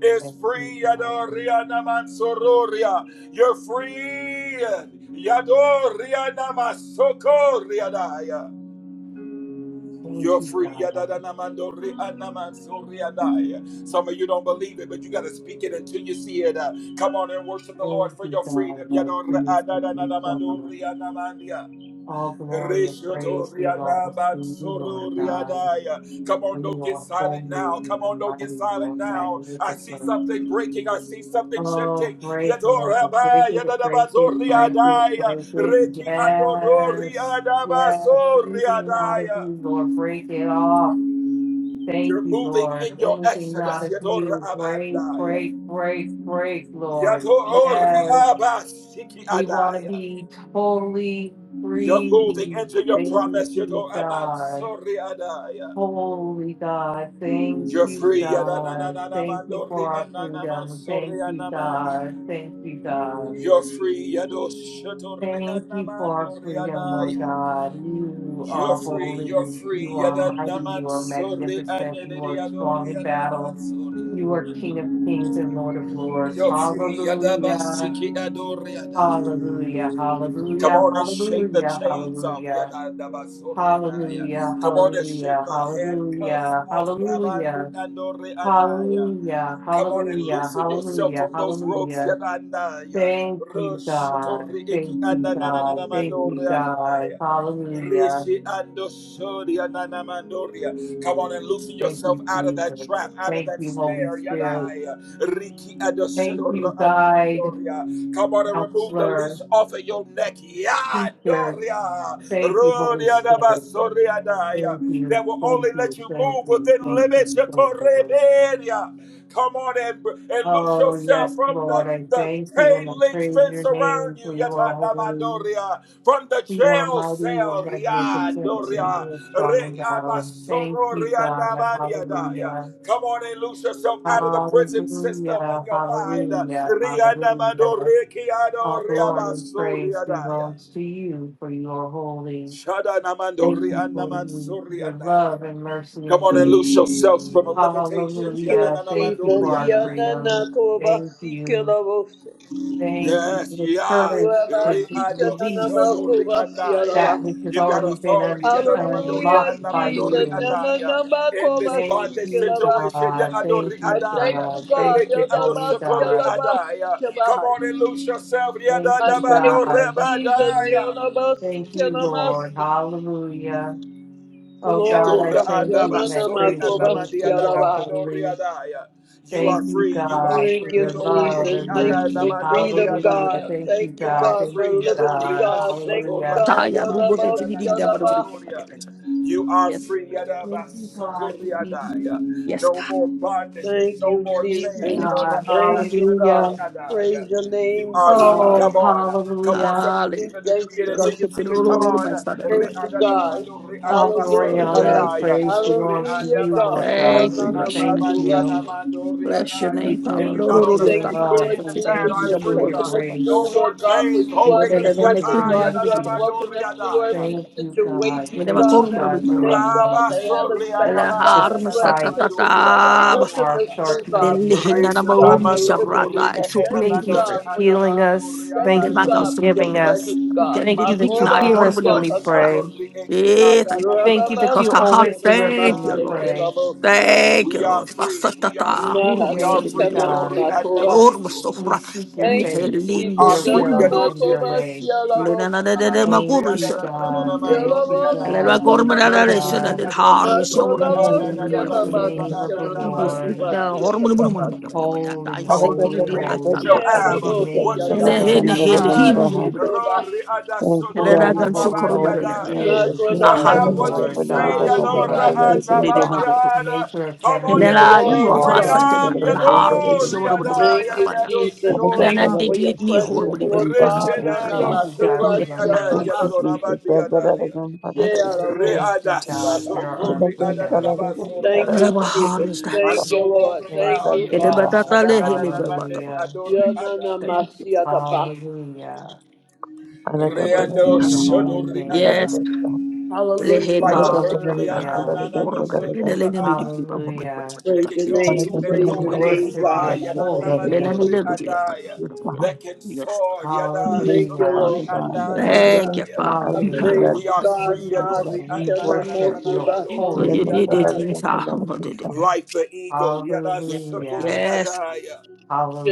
S1: is
S5: Thank you,
S1: free,
S5: God.
S1: You're free, Yadori Anamasokoria Daya.
S5: Thank
S1: You're
S5: you,
S1: free.
S5: God. Thank
S1: Some of you don't believe it, but you got to speak it until you see it. Uh, come on and worship the Lord for
S5: you,
S1: your
S5: God.
S1: freedom.
S5: Lord, praise to you, Father. All glory and praise belongs to you, Lord God.
S1: Come
S5: For
S1: on, don't
S5: you
S1: get
S5: are
S1: silent
S5: holy,
S1: now.
S5: you
S1: Come
S5: are
S1: on, don't get
S5: mighty, you
S1: silent
S5: are
S1: now. I see
S5: magnificent.
S1: something breaking. I see something
S5: Oh,
S1: shifting.
S5: break, Lord.
S1: Yadora
S5: Break
S1: abai,
S5: it, break it,
S1: yadadabazori
S5: break it, break
S1: adai.
S5: it.
S1: Reki adorori
S5: Yes, yes.
S1: adamasori
S5: Anything not of you, Lord, break it off.
S1: you're
S5: Thank you,
S1: moving in
S5: Lord.
S1: your
S5: Anything not
S1: exodus.
S5: of
S1: Yador
S5: you, break, break,
S1: abandaya.
S5: break, break, Lord.
S1: Yador
S5: Yes.
S1: abasiki
S5: We want to
S1: adaya.
S5: be totally
S1: You're
S5: free.
S1: moving into your
S5: Thank
S1: promise.
S5: you,
S1: Yador
S5: God.
S1: amansori adaya.
S5: Holy God. Thank
S1: You're
S5: you,
S1: free.
S5: God.
S1: Yadananana
S5: Thank you for
S1: mandori
S5: our freedom.
S1: ananamansori
S5: Thank you,
S1: anamania.
S5: God. Thank you, God.
S1: You're free. Yador shatori
S5: Thank you for our
S1: anamandori
S5: freedom, Lord
S1: adaya.
S5: God. You
S1: You're
S5: are
S1: free. You're
S5: holy.
S1: free.
S5: You are mighty.
S1: Yadanaman
S5: You are magnificent. You are strong
S1: aneliyadori
S5: in battle.
S1: adamansori.
S5: You are King of kings and Lord of lords.
S1: You're free. Yadaba
S5: Hallelujah.
S1: adoriada.
S5: Hallelujah,
S1: Come
S5: hallelujah,
S1: on and shake the
S5: hallelujah,
S1: chains off.
S5: hallelujah,
S1: Yadadaba
S5: hallelujah,
S1: Come on and shake
S5: hallelujah,
S1: the handcuffs
S5: hallelujah,
S1: off.
S5: hallelujah,
S1: Rabandi adoriadaya.
S5: hallelujah,
S1: Come on and
S5: hallelujah,
S1: loosen yourself
S5: hallelujah,
S1: from those ropes,
S5: hallelujah.
S1: Yananaya.
S5: Thank you,
S1: Rush to
S5: God.
S1: Riki
S5: Thank you, God. Thank you,
S1: Ananananamanoria.
S5: God. Hallelujah.
S1: Rishi Andoshoria Nanamandoria. Come on and loosen
S5: Thank
S1: yourself
S5: you,
S1: out of that
S5: Jesus.
S1: trap, out of
S5: Thank
S1: that
S5: you, Holy
S1: snare,
S5: Spirit.
S1: Yadaya. Riki
S5: Thank
S1: Adoshadora
S5: you, guide,
S1: Anamandoria. Come on and remove the
S5: counselor,
S1: leash off of your neck,
S5: teacher.
S1: Yadoria.
S5: Thank you, Holy
S1: Rodia
S5: Spirit.
S1: Nabasoriadaya.
S5: Thank you,
S1: That will
S5: thank
S1: only
S5: you,
S1: let you
S5: thank
S1: move
S5: you,
S1: within
S5: thank you,
S1: limits,
S5: thank you. Lord.
S1: Yakorebedia. Come on and, and loose
S5: Oh,
S1: yourself
S5: yes,
S1: from
S5: Lord,
S1: the,
S5: I
S1: the
S5: thank you
S1: chain
S5: and I
S1: link
S5: praise
S1: fence
S5: your
S1: around
S5: name
S1: you.
S5: for you are holy.
S1: Yatadabadoria. From the
S5: You are
S1: jail
S5: mighty, you are
S1: cell.
S5: magnificent, and
S1: Riadoria.
S5: you are strong in battle. Thank you,
S1: reabasororia
S5: God. Hallelujah.
S1: Come on and loose yourself out of the prison system in
S5: Hallelujah.
S1: your mind.
S5: Hallelujah. Hallelujah. All glory and praise
S1: Riadamadorikiadoriabasoriadaya.
S5: belongs to you, for you are holy. Thank you for you- your love
S1: Shadanamadorianamansoriadaya.
S5: and mercy
S1: Come
S5: and
S1: on and
S5: grace.
S1: loose yourselves from the
S7: Thank
S1: limitations.
S7: you,
S5: Hallelujah. Thank you for
S7: Jesus.
S5: our
S1: Yadananamandoriadaya.
S5: freedom.
S7: Yanana
S5: Thank
S7: Kobasi
S5: you.
S7: Kelabose.
S5: Thank you
S1: Yes,
S5: for the
S1: yeah.
S5: courage to d-
S7: Rabasi Kanana
S5: release
S1: Riadoshodo
S7: Kobasi
S1: riandaya.
S5: that
S7: ba.
S5: which has
S1: You got
S5: already been un-
S1: authority. Yadadamando
S7: Hallelujah,
S5: unlocked by
S1: riandamando
S7: Jesus.
S5: you.
S1: riandaya.
S7: Yanana
S1: In this
S5: Thank
S7: Kobasi
S1: bondage
S5: you,
S7: ba.
S1: situation,
S5: God.
S1: yadado
S5: Thank
S7: I
S5: you,
S7: thank
S1: riandaya.
S7: you,
S5: God.
S7: God.
S5: Thank
S1: Reke
S5: you,
S7: Yanana
S5: Holy
S7: ba
S1: adoshoko
S5: God.
S7: Yanabasi
S1: adaya.
S7: Yanabasi
S1: Come
S7: ba.
S1: on and lose yourself.
S5: Thank
S7: I
S5: you,
S7: thank
S1: Yadadamando
S7: you,
S5: God.
S7: Jesus.
S1: rebandaya.
S7: Yanana ba
S5: Thank you, Lord.
S7: Yanabasi Kelabasi.
S5: Hallelujah. Oh, God,
S7: Glory,
S5: I
S1: Yadora
S7: God.
S5: thank you
S1: adaba
S5: and I
S7: Yanana
S1: sori
S5: praise your name
S7: Kobasi
S5: for you are
S7: ba.
S5: holy.
S1: You are
S5: Thank you,
S1: free. You are
S5: God,
S7: Thank
S5: for
S1: free.
S7: you,
S5: your love
S7: Jesus.
S5: and
S7: Thank you for
S5: mercy.
S7: freedom, God.
S5: Hallelujah. Thank you,
S7: Thank you,
S1: You are
S5: God.
S7: God,
S5: Thank
S7: for
S1: free.
S5: you,
S7: liberty,
S5: God.
S7: God. Thank you,
S5: Hallelujah.
S7: God.
S8: Taya,
S7: You're
S8: bu-
S7: the
S8: bu- bu- bu-
S7: most-
S8: bu- bu- bu- bu-
S1: You are
S8: Yes,
S1: free.
S5: Thank you, God.
S8: we- yes,
S1: No
S8: God.
S1: more bondages.
S7: Thank
S1: No
S7: you,
S1: more
S5: Thank you,
S1: chains.
S7: Jesus.
S8: Thank you.
S5: God.
S7: Thank you,
S5: Hallelujah.
S7: God. Praise your
S1: You
S7: name,
S1: are
S7: Jesus.
S1: free.
S8: Hall-
S5: Oh,
S1: Come on. Come on,
S5: hallelujah.
S1: some of you
S7: We
S8: Hallelujah.
S1: need to
S7: Thank
S1: decree it
S7: you,
S1: until
S7: God.
S1: you see it. Come on.
S8: My father, the mother.
S7: Thank you, God.
S1: Re-adadadamado,
S5: All
S1: re-adabaso,
S5: glory, honor,
S7: Hallelujah.
S5: and
S8: Thank you.
S1: re-adaya.
S5: praise belongs to
S7: Hallelujah,
S5: you, Lord
S7: God. You're
S5: God.
S8: Thank
S1: Re-adabasuku,
S8: you.
S5: And we
S8: Bless your
S5: thank
S8: name.
S7: the
S5: you.
S1: re-adabadianamando,
S8: Bless your
S1: re-adaya.
S8: name,
S5: We
S1: If
S8: Father.
S1: you're
S5: thank
S8: Lord,
S1: not
S5: you
S8: Lord,
S7: We
S1: on
S5: for
S8: Lord,
S1: the
S8: yes,
S5: your
S8: I'm
S7: thank
S1: stage,
S7: you,
S8: back.
S1: put
S8: I'm
S1: it
S5: love.
S1: in
S7: Lord
S8: back.
S1: the
S5: We
S8: Fifty
S1: chat.
S7: Jesus,
S5: thank
S8: people,
S7: for
S5: you
S1: I'm
S8: I'm a
S5: for
S1: free.
S8: world
S5: your
S8: of
S1: Uh,
S7: taking
S8: so
S7: us
S8: far.
S1: No
S7: through,
S5: grace.
S1: more
S7: Lord God, for
S1: chains
S7: you
S5: We
S7: are
S1: holding
S7: the
S5: thank
S1: me.
S5: you for
S7: breaker,
S5: your
S1: Adaya,
S7: God. You have
S5: mercy.
S1: adadamado,
S7: broken us through
S1: re-adaya.
S7: every
S5: Thank you, God.
S7: situation,
S8: Medeva
S5: Thank
S7: God,
S5: you,
S8: korumra
S5: God,
S8: bigman.
S5: for
S7: everything,
S5: loving
S7: God, that
S5: us
S7: have
S1: Rabaso,
S7: us
S8: Ela
S7: bound,
S8: har
S1: re-adamandi,
S7: God. You have
S5: despite.
S8: sakatata
S1: adadadamado,
S7: taken us,
S1: re-adabado.
S7: broken
S8: baha.
S5: our
S7: us through, God.
S8: Deli
S5: shortcomings.
S7: We
S8: hinna
S7: thank
S8: na
S7: you,
S8: marom
S7: God, for
S1: Re-shadamando,
S8: yisha prata.
S7: liberty. We
S8: Shukru
S7: thank you,
S5: Thank you
S1: re-adadamado,
S8: bidiya.
S5: for
S7: God, for your peace.
S5: healing
S1: re-adabado,
S7: We
S5: us.
S7: thank
S5: Thank you
S7: you,
S1: re-adaya.
S8: Medeva
S5: for
S8: gaus
S7: God, for your
S5: forgiving
S8: mudiya.
S5: us.
S7: presence, God.
S8: Then the
S5: Thank you
S7: My
S5: that you
S8: nickname
S7: Roba
S5: hear
S1: Ya
S5: us
S8: horrible
S5: when
S1: dos
S5: we
S7: Siatana.
S8: yata.
S5: pray.
S1: satori
S8: Eh, thank you.
S5: Thank you that
S7: Rababa
S5: you
S8: Hosta ha,
S5: always hear us
S8: thank
S5: when we
S8: you,
S7: Sikanamaste
S8: Lord.
S5: pray.
S7: Kilabo.
S8: Thank you,
S1: We are
S8: Lord.
S1: free. We are
S8: Basatata,
S1: free. We
S8: hurmus
S1: are
S5: Thank you,
S1: free.
S8: yibidibidibida.
S5: God.
S7: Mahasikana
S8: Ormus
S5: We
S8: sofra,
S5: seek your
S7: Thank you,
S5: face,
S1: We
S8: mihelin,
S1: are
S7: Jesus.
S5: your
S1: free.
S8: shubul
S5: will,
S8: bidibida.
S5: and
S1: Yadori
S5: your way.
S7: Yanamakobasia
S1: Esiki
S8: Nena
S7: lamos.
S8: na na na na
S5: Thank
S1: Adamandoria.
S5: you,
S8: maguru
S5: God. Thank you,
S1: Adamandoria.
S7: Yalamosia
S8: Ellerwa
S5: God. Thank you,
S8: kormanada
S7: tanamas.
S8: reşte
S5: God.
S8: dedi har işe hormonu gibi bir tepede
S5: Holy
S7: Makolamosia
S8: bana
S5: is the
S8: bana bana
S5: name
S6: Father.
S8: bana.
S5: of
S7: namasia
S5: the
S8: Şimdi speak
S5: Lord.
S8: na
S7: nanamakobasia
S8: hormonu bunu bunu
S7: tanamas.
S8: bana bana bana.
S5: Holy,
S8: I
S1: Come on and
S8: sentili
S5: holy,
S8: di
S1: decree it.
S5: holy
S1: You
S8: rastan
S1: shall
S8: tas.
S1: have
S5: is the
S1: uh, what
S7: Yalamosia
S1: you
S5: name
S8: Hele
S7: na.
S1: speak.
S8: he
S5: of
S8: ne
S5: the
S8: hele
S1: Yatai,
S8: hi
S5: Lord.
S8: bu gibi
S1: uh,
S8: bana bana.
S7: Maketoba.
S1: Rori
S6: Thank you,
S8: Hele
S1: adasodori
S8: na
S6: God.
S5: Holy,
S8: gansu
S5: holy,
S1: adabadi
S8: kormanada
S6: Thank
S5: holy
S8: dedi.
S1: adai.
S5: is
S1: You
S8: Na
S1: shall
S5: the
S7: Makolabasa.
S1: have
S8: han.
S1: what you
S5: Lord
S1: say.
S5: God
S1: Yadora
S5: Almighty,
S8: Dese
S7: Makotobasia
S8: de
S1: adamandi
S8: na
S7: lama.
S8: boru.
S1: ada.
S5: maker of
S1: Come
S5: heaven
S1: on
S5: and
S8: Hele
S1: and
S8: la
S5: earth, of
S1: decree
S7: Glory
S8: yuvasu
S5: all that
S7: God.
S5: is
S8: asatte dedi.
S1: freedom.
S5: seen and
S8: Na har işe
S1: Yadori
S5: unseen.
S8: hormonu bunu bana
S1: adai,
S7: Thank
S8: bana
S7: you,
S8: bana.
S1: yadadado
S7: Jesus.
S8: Hele
S7: Thank you
S8: na
S1: sedoria.
S7: for your
S8: dekli ni
S7: presence,
S8: hormonu bana
S7: Lord
S8: bana.
S7: God.
S8: Ben
S1: Reshedado
S5: Thank you, God, for
S8: tekinde
S1: sokori
S8: na
S7: Yanamakobasia
S5: loving
S1: adai,
S6: you,
S7: nama.
S8: hormonu.
S5: us.
S1: yadadorabandi
S6: Jesus.
S1: adai.
S8: şey.
S1: Re
S5: Thank you,
S7: Yalamosia
S5: God,
S7: tanamas.
S5: for our
S1: adasokori
S5: freedom.
S1: adadadabasori
S7: Thank you,
S8: Merhaba
S1: adai.
S8: har
S7: Jesus.
S8: işte.
S1: I'm
S7: Thank
S1: no
S7: you, Lord.
S1: longer
S5: Thank
S7: Thank
S1: bound.
S7: you,
S5: you,
S1: Yodo
S7: Father.
S5: God.
S8: Elebatatale
S1: shadadadadamande
S8: helebabataba.
S5: Hallelujah.
S1: adori ada.
S8: Thank you, Father.
S7: Yananamasiadaba.
S5: Hallelujah. We worship
S1: Reando
S5: your holy
S1: shodori ada.
S8: Yes,
S5: name.
S1: Free
S7: Hallelujah,
S8: lehena
S1: like the
S7: God.
S1: bird.
S8: dochopata.
S1: Yana
S5: Hallelujah.
S1: na na no
S8: Orbata de
S1: shodora
S8: lene mi di
S1: ada.
S6: I
S8: pipa ko mi bari
S5: Hallelujah.
S8: bari
S1: They
S8: ta
S7: Praise
S1: can
S7: your
S8: tin
S1: go
S8: sin
S7: name.
S6: Thank
S8: sin
S1: to
S6: you,
S8: di
S1: and
S8: na
S5: We
S7: Praise
S8: bari
S1: fro.
S7: your
S8: bari
S1: They
S6: Father
S1: can
S8: bari.
S7: name,
S5: worship
S1: fly.
S5: your
S7: God. I
S1: Yada
S5: holy
S7: praise your
S8: Lena ni
S1: namandori
S8: le
S7: name.
S8: du
S5: name.
S8: di apa.
S1: ada. They can
S8: Yes.
S1: soar. Yada
S7: Thank you,
S5: Hallelujah.
S1: shokori
S7: Lord.
S6: God, that
S1: ada
S6: what it
S8: Thank you,
S6: against
S1: yada.
S6: that,
S8: Father.
S6: I was
S7: I
S6: able to
S5: Hallelujah.
S7: praise
S6: against
S1: We
S7: you,
S1: are
S6: that, we're
S7: God.
S1: free.
S6: against that,
S1: Yadori
S5: We
S6: against
S1: ana na na na na
S5: worship
S1: na
S5: your
S7: Masikanamokubasa.
S8: so
S6: that, against
S5: holy
S8: you
S1: mandori
S8: need it
S6: that,
S1: ada.
S5: name.
S8: here,
S6: against that. I would go back
S8: Father.
S6: and
S1: Like the eagle. Yada
S8: Yes, Lord.
S1: shokori
S5: Hallelujah.
S8: yes.
S1: ada.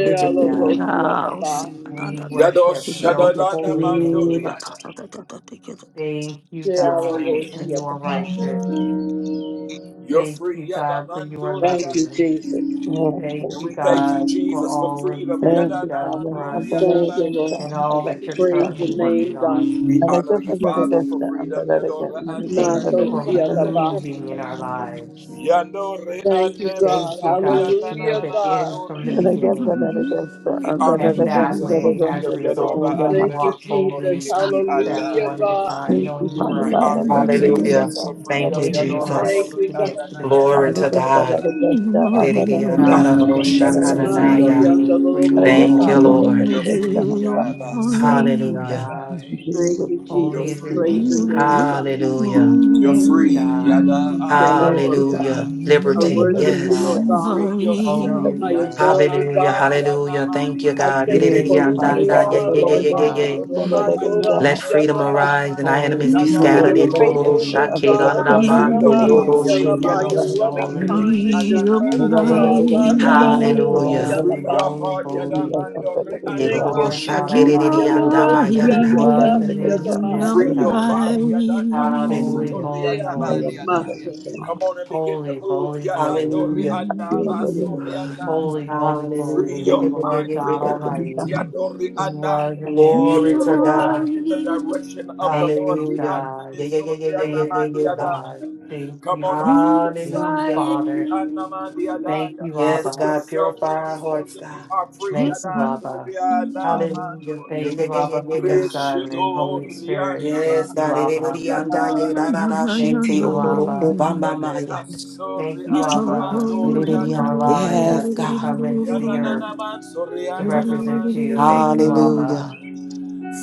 S8: Let your head out.
S5: We
S8: Satanda.
S1: Yado
S5: worship your
S1: shadadada
S5: holy name.
S1: mandoriada.
S5: Thank you,
S1: You're
S5: God,
S1: free.
S5: for
S8: Yes.
S5: you are
S7: Shealobosiadaba.
S5: righteous.
S1: You're
S5: Thank
S1: free.
S5: you,
S1: Yada
S5: God, for you are
S7: Thank you,
S1: mandoriada.
S5: loving.
S7: Jesus.
S6: forth. Yes,
S5: Thank
S6: thank
S1: And
S5: you,
S1: we
S6: you, God.
S1: thank you,
S5: God, for
S1: Jesus, for
S5: all of
S1: freedom.
S5: that
S6: Thank
S5: you've
S6: you,
S1: Yadada
S5: done
S6: Father.
S5: for
S6: I'm
S5: us
S1: mandoriada
S6: better
S7: Thank you,
S6: against that,
S7: Lord.
S5: and
S6: I'm
S5: all
S6: better
S5: that you're
S6: against
S7: Praise
S6: that.
S5: currently
S7: your
S5: working
S7: name, God.
S5: on.
S1: We
S6: I like
S1: honor
S6: up
S1: you,
S6: another
S1: Father,
S6: against
S1: for
S6: that, I'm
S1: freedom.
S6: better against
S1: Yadora
S6: another
S1: anda
S6: against
S5: Thank
S6: better
S5: you for
S6: against better
S7: Masosiadaba.
S1: mandoriada.
S6: against
S5: moving in
S6: another
S5: our
S6: against.
S5: lives.
S1: Yandore
S7: Thank you,
S1: anda
S5: Thank
S7: God.
S5: you, God, that
S1: mesoriada
S5: you
S1: na
S5: know
S7: Hallelujah,
S1: na
S5: the
S1: na na
S7: God.
S5: end from the
S6: And
S1: noriada.
S6: again, better
S5: beginning.
S6: against that,
S1: We
S6: I'm
S1: honor
S6: better
S1: you,
S5: And
S6: against better
S5: that
S1: Jesus, for
S5: way,
S6: against
S5: as a
S1: freedom.
S6: better
S5: result,
S6: against
S5: we
S1: Yadora
S8: Yes,
S5: can
S6: that.
S1: anda
S7: Thank you,
S5: walk
S7: Jesus.
S1: mesokori
S5: boldly
S8: God.
S5: each
S1: eki
S5: step
S7: Hallelujah,
S5: one at
S1: andai.
S5: a
S7: God.
S5: time,
S8: You
S6: Thank you,
S5: knowing
S6: Father
S1: We
S5: you're
S6: God,
S5: ahead
S1: honor
S6: I'm
S5: of
S1: you,
S5: us,
S6: better against
S9: Hallelujah.
S1: Jesus,
S6: that,
S1: for
S6: I'm
S9: Thank
S1: freedom.
S6: better
S9: you,
S5: waiting
S6: against
S7: We
S5: for
S6: that.
S1: Yadora
S9: Jesus.
S5: us
S7: thank
S1: ori
S7: you,
S5: to
S7: God.
S5: get
S1: anda
S5: to the
S9: Glory to
S6: Alagabda,
S5: destination.
S9: God.
S6: alagabda,
S1: We
S6: abalagabda,
S5: God,
S1: honor
S5: we
S1: you,
S5: thank you.
S1: Jesus,
S5: We
S1: for
S6: abalagabda, alagabda,
S5: praise your
S7: Mercy on
S1: freedom.
S7: the
S5: name for
S7: Lord
S5: you
S7: of
S5: are
S9: Thank you,
S7: Messiah.
S5: holy.
S9: Lord.
S1: You're
S6: alagabda,
S1: free,
S6: alagabda.
S1: Yada so
S5: Thank you,
S9: Hallelujah.
S5: God.
S1: Yada.
S7: Thank
S6: Jesus,
S7: you,
S1: You're
S6: Jesus,
S5: Holy is
S7: Jesus.
S5: your
S1: free.
S6: Jesus,
S7: Praise
S5: name.
S7: the
S6: Jesus.
S7: name, God.
S9: Hallelujah.
S1: You're
S5: Thank you,
S1: free,
S5: God.
S1: Yada
S7: Thank you, Lord
S6: Thank
S1: Ando
S7: of
S6: you,
S1: Yada.
S6: Father.
S7: Messiah.
S9: Hallelujah.
S7: I
S9: Liberty.
S5: Thank
S6: Alagabda,
S7: worship
S5: you,
S6: alagabda,
S7: you,
S6: alagabda,
S9: Yes.
S7: Lord
S5: God.
S7: God.
S1: Free
S5: Holy
S1: yourself,
S5: is
S7: I
S5: your
S1: Yada
S5: name.
S7: adore you,
S6: alagabda.
S9: Hallelujah.
S7: God.
S1: Mano Yada
S9: Hallelujah. Thank you,
S7: I
S1: Maria.
S9: God.
S7: thank you
S6: Thank
S7: for
S5: Thank
S6: you,
S7: who
S6: Father
S5: you,
S7: you
S6: God.
S5: God,
S6: Alagabda,
S1: Free
S7: are,
S5: for
S1: your
S5: your
S7: Lord
S6: alagabda,
S1: mind,
S5: love.
S7: Jesus. My
S1: Yodori
S7: God,
S6: alagabda,
S9: Let
S7: your
S1: Anamandori
S9: freedom
S7: Yanama,
S9: arise and our
S1: Anamandori
S9: enemies be
S5: Holy,
S7: For
S9: scattered.
S7: your
S5: holy,
S1: Adanandoria.
S5: holy,
S7: faithfulness, God. Your
S1: Free the
S7: Yanama,
S1: way
S6: alagabda.
S1: you
S8: rise
S7: Your
S5: holy,
S6: In
S1: think,
S6: the name
S7: name,
S1: Yado
S5: holy,
S7: Your
S6: of
S7: loving
S1: Shadori
S5: holy.
S6: Jesus.
S1: Eki
S7: kindness, your
S8: Be of
S7: mercy, God.
S5: Thank
S1: Adananamandori
S5: you,
S7: Mercy on the
S1: Yada.
S5: God.
S7: Lord
S8: mine,
S9: Hallelujah.
S5: Holy,
S7: of
S1: Free
S7: Yanama.
S1: your
S5: holy,
S1: heart, Yada
S5: holy
S1: Mandori
S5: is the
S6: Hallelujah.
S7: Thank you,
S5: Lord God
S1: Anamandori
S7: Jesus.
S8: bring of
S5: Almighty,
S1: Anamandori.
S5: who
S7: Yodobosia
S8: mine,
S6: Hallelujah.
S5: was and
S7: tobasia
S5: is and
S8: bring
S7: tamai.
S5: is
S8: of
S5: to
S1: Free your
S5: come.
S1: body. yada, nanda,
S5: Holy,
S8: mine.
S9: Hallelujah.
S1: satori,
S7: Shea
S5: holy,
S1: yada, bali,
S5: holy,
S1: yada, yeah.
S7: tonomasa.
S1: Come on and begin to
S5: holy,
S1: move.
S5: holy,
S1: yada,
S5: holy,
S1: dori,
S8: Be
S9: Hallelujah.
S1: anda,
S8: of
S1: basori, anda.
S8: mine,
S5: holy, holy,
S1: Free
S5: holy
S9: Hallelujah. Yeah,
S5: is
S9: yeah,
S5: the
S1: your
S9: yeah, yeah,
S5: Lord
S1: mind,
S9: yeah, yeah,
S5: God
S1: free your
S9: God.
S1: feet,
S5: Almighty,
S1: yadori
S5: who was and is
S1: andaya, to
S5: and
S8: be
S1: be
S9: Glory
S5: is
S8: of
S1: able
S9: to
S5: to
S1: to walk
S9: God.
S5: come.
S1: in the direction of the
S5: Thank
S1: Lord.
S5: you,
S1: Ri,
S9: Hallelujah.
S1: andi, ni,
S5: God.
S9: Yeah, yeah, yeah,
S1: sori,
S9: yeah, yeah,
S1: anda,
S9: yeah,
S5: Thank
S9: yeah,
S5: you,
S9: yeah, God.
S5: God. Thank
S1: Come
S5: you,
S1: on
S8: mine,
S1: and
S8: be
S5: God.
S1: free
S8: of
S5: Thank
S1: yourself,
S5: you,
S9: Hallelujah.
S1: yadori,
S5: Father.
S8: mine.
S1: anda, mandi,
S5: Thank you,
S1: yadaya.
S9: Yes,
S1: Free
S5: Abba.
S9: God.
S1: yourself in
S9: Purify our
S1: this
S9: hearts,
S1: worship. You
S9: God.
S1: are free,
S5: Thank
S8: Yes,
S5: you,
S8: bring
S5: Abba.
S1: yadori, anda,
S9: Hallelujah.
S1: mandori,
S9: Yeah,
S5: Thank
S9: yeah,
S5: you,
S9: yeah, yeah,
S5: Abba, for
S9: yeah,
S5: your
S9: God.
S5: Son and Holy Spirit. Thank
S9: Yes,
S5: you,
S9: God. Eh, eh, eh,
S5: Abba.
S9: eh, and, ah,
S8: of
S9: yeah, da, da, da, she,
S5: Thank
S9: te,
S5: you,
S9: oh, ro, ro, ko,
S5: Abba.
S9: ba, ma,
S8: mine.
S9: ma,
S1: Yade
S9: ya.
S1: asori
S5: Thank you,
S8: Yes, I will
S5: Abba,
S8: call
S1: anamando
S9: Eh, eh,
S8: you.
S9: eh, eh,
S5: for allowing
S1: riana
S9: Yes,
S5: us to
S9: God.
S5: come into
S1: yana
S5: the earth
S1: nana man sori
S5: to
S1: anana
S5: represent
S1: man
S5: you. Thank
S1: yana
S5: you, Abba.
S9: Hallelujah.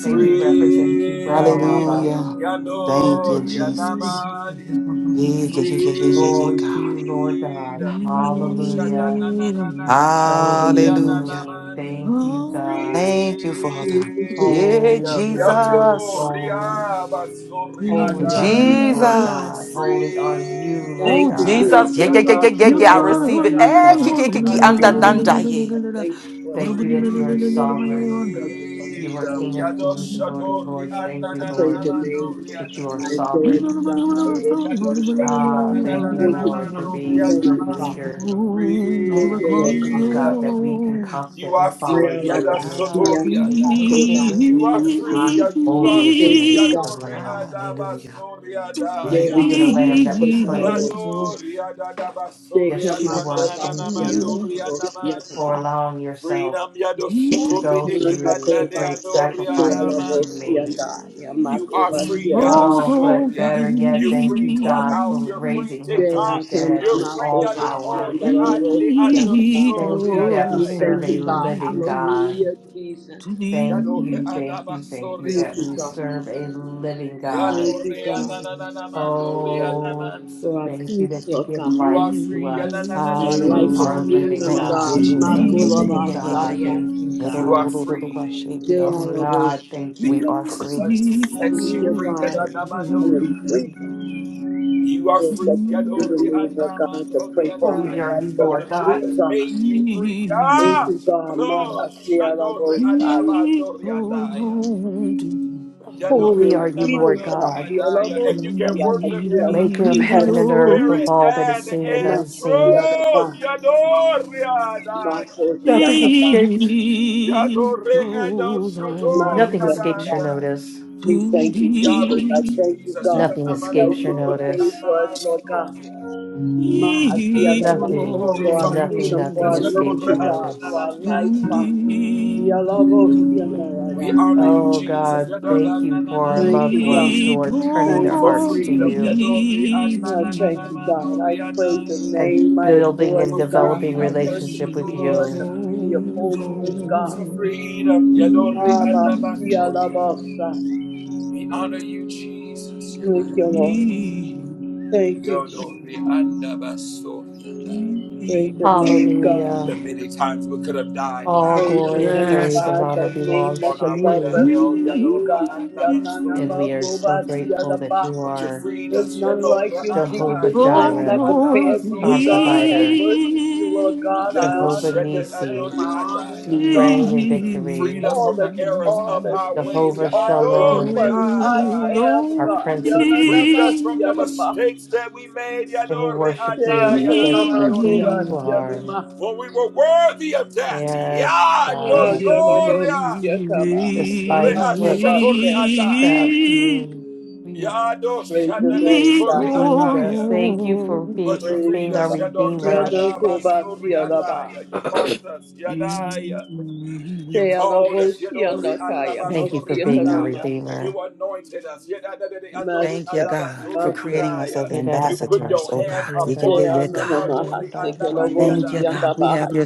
S5: May we represent you well, Abba.
S9: Hallelujah.
S1: freedom
S9: Thank
S1: yano
S9: you,
S1: yana
S9: Jesus.
S8: Oh,
S9: Yeah, yeah, yeah, yeah, yeah, yeah, yeah,
S5: Glory to you, Lord God.
S1: Freedom. Yado shada
S5: Hallelujah.
S1: na na na na na ma no
S9: yeah, yeah,
S5: Holy is
S1: na
S5: your
S1: na
S9: yeah,
S5: name.
S1: mania.
S5: Thank you, God.
S9: yeah, yeah, yeah, yeah, yeah, yeah, God. Hallelujah. Thank you,
S7: Thank
S9: Father.
S7: you, Jesus.
S9: Yeah,
S5: Holy
S1: Freedom.
S5: is your name.
S1: Yato
S9: Jesus.
S5: Holy.
S1: ria baso ria
S5: Holy are you,
S1: ya.
S5: Lord God.
S9: Jesus.
S5: Holy are you, Lord
S7: Thank
S9: Ooh,
S7: you,
S5: God.
S9: Jesus.
S1: Freedom.
S7: Jesus.
S9: Yeah, yeah, yeah,
S1: Yado
S9: yeah, yeah, yeah.
S1: shada
S9: I
S7: Masia
S1: na na
S5: Thank
S1: na
S9: receive it.
S7: tobosa.
S1: na
S5: you,
S1: na
S7: I
S9: Eh,
S1: na
S9: ki,
S1: no
S5: God,
S9: ki, ki,
S5: for
S9: ki,
S5: your
S1: na
S9: and, and,
S7: thank
S1: ma
S7: you,
S9: and, ah,
S7: Jesus.
S5: holiness.
S9: yeah.
S7: I thank you for the
S5: Thank you that you are
S7: time
S9: Mm,
S7: and your
S5: sovereign.
S7: presence on
S5: You
S7: this
S5: are
S1: Freedom.
S5: King of
S7: morning.
S1: Yado
S5: kings and Lord of
S1: shato
S5: lords. Thank
S1: riana
S5: you,
S7: I
S1: na na na
S7: praise
S5: Lord,
S7: your
S1: na no
S7: name.
S5: that
S1: riana.
S5: you are
S7: I adore
S5: sovereign.
S7: you, God. I worship
S1: Yado
S7: you, Lord.
S1: shato na
S5: Ah,
S1: na na na
S5: thank you,
S1: na
S7: Thank
S1: na
S7: you,
S1: na
S5: Lord,
S7: God.
S5: for
S1: no
S5: being a
S7: Thank
S5: good
S7: you, Father.
S5: leader.
S7: Thank you, Lord
S5: Thank you,
S7: God.
S9: Hallelujah.
S5: God,
S1: Freedom.
S5: that we can
S1: You are
S5: confidently follow
S1: free.
S5: you
S1: Yado
S5: and your
S1: shato
S7: Yodobosia
S5: instruction.
S1: riana.
S9: Hallelujah.
S1: You are
S7: tobasia
S1: free. yeah,
S7: tamai.
S1: You are
S5: Holy is the
S7: Thank
S1: free.
S5: name
S7: you,
S5: of
S7: God.
S1: Yado
S5: the Lamb.
S1: riada
S9: Hallelujah.
S1: baso riada.
S7: They
S5: Thank you
S7: are
S5: for the
S8: Thank
S5: Lamb that was
S8: you.
S7: the
S5: slain.
S1: Yado riada da baso
S7: Take up my
S1: riana na na
S5: Yeshua,
S7: coba,
S1: na
S5: thank
S1: na na
S7: yonder
S1: no
S5: you
S7: coba,
S1: riana
S5: for
S7: yataba,
S5: allowing yourself
S1: Freedom yado
S5: to
S1: shukuri
S5: go
S1: eki
S7: yonder
S5: through the
S1: andade
S7: coba,
S5: great
S1: adori
S5: sacrifice that
S7: Tialabo,
S5: you made.
S1: adamansoria.
S7: yanda,
S1: You are
S7: Yamakova,
S1: free,
S8: are
S7: Tialaba,
S5: Oh, but
S8: worthy.
S1: Yadashoria.
S5: better yet,
S1: You
S5: thank
S1: free
S5: you, God, for
S1: Clubhouse, you're free
S5: raising him
S7: they
S5: from the
S7: are
S1: TikTok,
S5: dead
S1: you're
S5: with
S7: Kanama
S1: free
S5: all
S1: Yado
S7: coba,
S5: power.
S7: yonder
S1: Ore
S8: We
S7: coba,
S1: Ande
S7: yataba.
S5: Thank you
S1: Adosoria
S5: that
S8: glory
S5: we
S7: We
S1: Daya.
S5: serve
S7: thank
S5: a
S7: you, God.
S5: living God.
S7: Hallelujah, Jesus.
S8: to thee. To
S5: Thank
S8: thee
S1: Yado
S5: you, thank you, thank you
S1: Adabasoria
S7: Thank
S5: that
S7: you,
S5: we
S1: Daya.
S7: God.
S5: serve a living God.
S7: Thank
S1: Yado
S7: you,
S8: we
S7: God,
S1: Adananamandoria
S5: Oh,
S7: for
S1: Namanso.
S7: our
S5: thank you
S7: peace,
S5: that you
S7: Lord
S5: give
S7: God,
S1: You
S5: life
S1: are
S8: glory.
S5: to
S1: free,
S5: us,
S7: and life of
S5: our
S9: Hallelujah.
S1: Yadananamansoria
S5: living
S7: freedom,
S9: Thank
S5: God.
S9: you,
S7: God.
S1: Namani.
S8: To
S9: Jesus.
S8: thee
S9: Yeah,
S5: Thank
S9: yeah, yeah,
S5: you,
S9: yeah, yeah,
S5: God.
S9: yeah. yeah.
S7: Makulabasaya,
S5: Thank you,
S1: You are
S5: God.
S1: free
S9: We are
S5: Oh,
S9: free.
S7: Tialabo,
S5: God, thank
S8: we
S9: We
S5: you.
S1: because
S9: are
S1: the
S9: free.
S1: sun sets
S7: thank you,
S1: you free,
S7: God. I
S1: Yadanamandoria.
S7: am free,
S1: You are
S7: is
S1: free.
S7: that you give
S1: Yadori
S7: me, Lord God,
S1: andaman
S7: to pray for my
S5: Holy are
S1: oriadaya,
S5: you,
S7: life. They
S1: Because
S7: are
S5: Lord
S1: the truth
S5: God.
S7: free,
S1: has
S7: God.
S1: made you free.
S7: Thank
S1: Ah!
S7: you, God. My
S1: Rosh adori
S7: Hashirabosaya.
S1: andaman oriadaya,
S7: We
S8: glory.
S1: Yadori
S5: Holy
S7: can
S5: are you,
S1: andaman
S5: Lord
S7: freedom, God.
S5: God.
S7: We are
S1: oriadaya, And you can
S7: that
S1: worship
S7: you have
S5: maker of
S1: him
S8: Indeed, he
S7: freedom
S1: in
S5: heaven
S7: given.
S5: and earth, of
S1: spirit
S5: all that is
S1: and
S5: seen and
S7: My
S1: in
S5: unseen.
S1: truth.
S7: Hashirabah.
S1: Yadori
S7: My
S1: adaya,
S5: Nothing
S7: Hashirabah.
S5: escapes.
S1: Yadori edos
S8: goes
S7: My
S1: adori
S5: Nothing escapes
S8: on
S5: your
S7: Hashirabah.
S1: adaya.
S5: notice.
S7: We thank you,
S1: We honor
S7: Jesus.
S1: you,
S7: I thank you,
S1: Jesus.
S7: God,
S1: Yadori
S5: Nothing
S7: for the
S1: andaman
S5: escapes
S7: price
S5: your
S7: that you paid
S5: notice.
S7: for us, Lord God.
S1: oriadaya.
S7: Ma- Yadaba,
S5: Nothing,
S7: For our
S1: glorify you,
S5: nothing,
S7: freedom, for
S5: nothing
S1: Jesus.
S7: our
S1: You know, we
S5: escapes your
S7: liberty,
S1: honor
S7: God,
S1: you, na,
S7: for
S1: na, na,
S5: notice.
S7: our life,
S1: na.
S7: Father. Yalabo,
S1: We honor
S7: Yandarabasa.
S5: Oh
S1: Jesus.
S5: God,
S1: You na,
S5: thank
S1: na,
S5: you
S1: na, na,
S5: for our
S1: na.
S7: Thank
S5: loved
S7: you, God.
S5: ones
S1: Glory
S5: who are turning
S7: Thank
S5: their
S1: For
S7: you,
S5: hearts to
S8: to
S1: freedom,
S7: Jesus.
S1: you
S5: you
S8: thee.
S1: na,
S7: God,
S1: na, na, na,
S7: thank you,
S1: na.
S7: God. I
S1: Glory
S7: praise your
S5: and
S7: name. I
S5: building
S7: adore
S5: and
S1: For
S7: you,
S8: He
S7: God.
S5: developing
S7: I
S1: freedom, yes,
S7: worship
S1: you
S5: relationship with
S7: you,
S1: know,
S7: Lord, in
S5: you.
S7: the beauty of
S8: goes
S7: holiness, God.
S1: For
S8: on.
S1: freedom, you know,
S8: He-
S1: we
S7: Abba,
S1: honor you, glory
S7: Yalabosa.
S1: We honor you, Jesus. You know.
S7: Thank you, Lord. Thank you,
S1: You
S7: Jesus.
S1: know, we honor you, glory
S8: he-
S1: and honor.
S7: Praise your
S8: he-
S7: name, God.
S5: Hallelujah.
S1: And many times we could have died
S7: We
S5: All
S1: bound
S7: Praise your
S5: glory and
S7: name,
S8: Yes.
S5: praise and
S7: God,
S5: honor
S7: that name
S5: belongs
S1: on
S7: that's
S5: to
S1: our way to
S7: above
S5: you.
S7: every
S1: hell.
S7: name,
S8: He-
S7: God.
S5: And we are so grateful that
S7: Yananamakovasiadaba.
S5: you
S1: But you
S5: are.
S1: freed us.
S7: There's none like you,
S5: Jehovah
S7: Jesus, none
S8: goes
S7: that
S5: Jireh,
S8: on
S7: compares
S8: to
S7: to you,
S8: be.
S5: our
S7: God. I
S5: provider,
S7: worship you, Lord God. I
S5: Jehovah
S7: honor your name.
S5: Nisi,
S7: I honor
S5: you
S7: you,
S5: reign
S7: God.
S5: in
S7: That's
S1: Freed
S5: victory,
S1: us
S7: All
S1: from
S7: that
S1: the
S7: you
S1: errors
S7: are,
S1: of
S7: that's
S1: our
S7: who you
S1: ways.
S5: Jehovah
S7: are, that you are
S5: Shalom,
S7: the I
S8: Goes
S7: am
S5: our
S8: on
S7: God.
S5: Prince of
S8: to
S5: Peace,
S1: Freed us from the
S7: Yananamasiadaba.
S1: mistakes that we made.
S5: and we worship you just for who you
S8: me.
S5: are.
S7: Teotonamakuvasiadama.
S1: When we were worthy of death.
S5: Yes,
S1: yeah, no,
S7: Oh,
S5: God,
S1: so,
S7: you
S8: Thank
S7: know, those-
S1: yeah.
S7: you come out.
S5: despite
S7: I
S1: Rea
S7: go
S5: what
S7: back
S1: shekori
S7: there.
S5: that
S1: adaya.
S5: you, you
S1: Yado
S7: Praise your name,
S1: shaname
S7: God.
S1: kori
S5: redeemed us.
S1: adaya.
S5: Thank you for
S1: But
S5: be,
S1: you
S7: Praise
S1: freed
S5: being
S7: you,
S5: our
S1: us,
S7: God.
S1: Yado re
S7: You
S5: Redeemer.
S7: know,
S1: adaba
S7: go back to
S1: sori
S7: your lava.
S1: adaya. You marked us, Yadaya. You
S7: Say, I love
S1: called
S7: you,
S1: us,
S7: see, I
S1: Yado re
S7: know, Kaya.
S1: adaba
S5: Thank you
S7: Most
S5: for
S1: sori
S7: see it, I
S5: being our
S7: know,
S1: adaya.
S7: Master.
S5: Redeemer.
S1: You anointed us, Yadadadadi andori
S9: Thank
S7: Mercy,
S9: you,
S7: I
S1: adaba
S9: God, for
S7: know,
S1: sori
S7: Master.
S9: creating us as
S1: adaya. You put
S9: ambassadors,
S1: your
S9: oh
S1: hand
S9: God. Yeah, yeah, yeah,
S1: upon
S7: Say, I
S9: yeah,
S1: us,
S7: know, no,
S9: God.
S1: Yadadori
S7: Master. Say, I love
S1: andamandi
S7: you,
S9: Thank you,
S7: see, I
S1: adaya.
S7: know,
S9: God. We have
S7: Master.
S9: your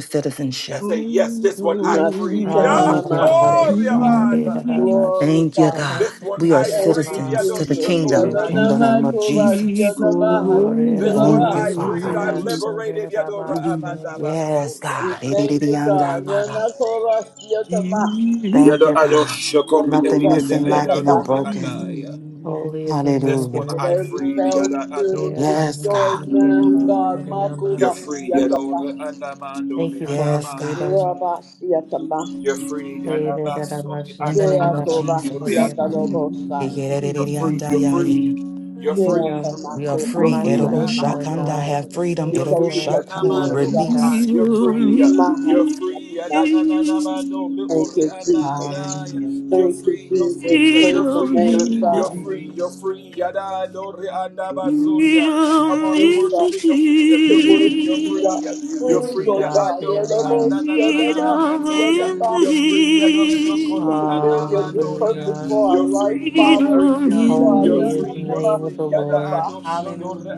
S1: And
S9: citizenship.
S1: say, yes, this one I
S7: Mercy,
S1: freed.
S7: can I know, no,
S9: Thank you,
S5: Ah,
S7: Master.
S5: Holy
S9: God.
S1: Yadori
S5: God, in
S1: abada.
S5: the name of
S7: Glory,
S9: Thank
S5: in
S9: you,
S5: the
S7: God.
S9: God.
S5: name
S1: This
S5: of
S1: one
S9: We are
S5: glory,
S1: I
S5: in the
S7: Thank
S5: name
S7: you,
S1: freed,
S9: citizens
S1: Yado
S9: to the
S5: of
S7: Jesus. You
S1: Shator
S9: kingdom
S7: know,
S5: Jesus.
S9: in
S7: no,
S9: the
S1: Adai.
S9: name
S7: Master.
S9: of
S7: Go back to your
S9: Jesus.
S7: lava. Speak
S5: Glory, in
S7: your
S5: the
S1: This
S5: name
S1: one
S9: Thank you,
S7: lava.
S1: I freed,
S9: Father.
S1: I liberated, Yadora Amandaba
S9: Yes,
S1: Sori
S7: We
S9: God.
S1: Adai.
S9: Thank
S7: thank you, God. Yanakora-siatama-nakora-siatapa.
S1: Yado
S9: you,
S1: Ado
S9: God.
S1: Shakori Edi
S9: Nothing
S1: Ede
S9: missing,
S1: Ede
S9: lacking, or
S1: Adori
S9: broken.
S1: Adai.
S5: Holy is the name
S1: This
S5: of the
S9: Hallelujah.
S1: one
S7: That
S1: I
S5: Lord.
S7: every
S1: freed,
S7: foul
S1: Yada
S7: spirit
S5: In the
S7: is
S1: Adori
S5: name
S9: Yes,
S5: of
S7: destroyed
S9: God.
S1: Adai.
S5: Jesus, in
S7: now,
S5: the
S7: God.
S5: glory,
S1: You're free,
S7: Makuba-siatapa.
S1: Yadora
S5: Thank
S1: Adamandori
S5: you for our
S9: Yes,
S1: Adaman.
S9: God.
S5: freedom.
S7: Raba-siatama.
S1: You're free,
S5: In
S1: Yadaba
S5: the name of
S1: basori
S5: Jesus,
S9: In the
S5: in
S9: name
S5: the
S9: of
S1: Adamandori
S5: glory,
S9: Jesus.
S5: in the name.
S9: Yeah,
S7: Sheakoba-siandalobosai.
S9: yeah,
S1: Adai.
S9: yeah,
S1: You're
S8: you.
S9: yeah,
S1: free,
S9: yeah,
S1: you're
S9: yeah, yeah.
S1: free, you're
S5: Be
S8: Freedom
S1: free.
S5: on
S9: We are
S8: in the
S1: You're
S9: free.
S5: my
S1: free,
S9: Edible
S1: yeah,
S5: mind,
S7: Sheakamakoba-siatapa.
S1: I
S5: Lord
S1: know.
S9: Shakanda.
S5: God.
S1: yeah.
S9: Have freedom.
S5: May
S7: We
S1: You're
S5: be
S7: thank
S9: Edible
S7: you
S1: free, yeah,
S7: for
S1: na
S9: Shakanda.
S1: man,
S7: freedom,
S5: transformed
S1: no,
S5: for
S1: yeah,
S7: God.
S5: that
S1: ah,
S8: dream.
S9: Release.
S1: you're
S5: freedom.
S1: free, yeah. you're free, yeah, na
S7: Maha-siatama.
S1: na na na man, no,
S7: Thank
S1: little,
S7: you,
S1: yeah, na
S7: Jesus.
S1: na, yeah.
S9: Hallelujah.
S1: you're
S7: Thank you,
S1: free, you're
S7: Jesus.
S1: free, yeah,
S7: Praise
S1: you're
S7: the
S8: Freedom
S1: free, yeah,
S8: in,
S7: name, God.
S1: you're free, you're
S9: Hallelujah.
S1: free, yeah, na, no, yeah, na, ba, so, yeah. Come on and
S7: you, God.
S1: worship in your freedom.
S7: The
S1: You're free,
S7: worship
S1: you're
S7: you, God.
S1: free, yeah. you're
S5: Thank
S7: Please,
S5: you,
S1: free,
S7: Lord
S1: yeah, I
S5: God, for
S7: God, the
S1: know,
S5: your
S1: yeah,
S5: love.
S1: na
S7: elbows,
S1: na na
S7: the
S1: na na na
S7: elbow,
S1: man,
S7: the
S1: so, yeah.
S7: elbow,
S1: You're free, yeah, no, so,
S7: to
S1: yeah, na
S7: fulfill your
S1: man,
S7: good
S1: no,
S9: Hallelujah.
S1: yeah.
S7: purpose
S5: Hallelujah.
S7: for our
S1: You're
S7: life,
S1: free, you're
S7: Father.
S1: free, yeah.
S7: Please, God,
S1: You're
S5: Holy
S7: the
S5: is the
S1: free, you're
S5: name
S7: elbow,
S1: free.
S5: of the
S7: the
S5: Lord.
S7: elbow,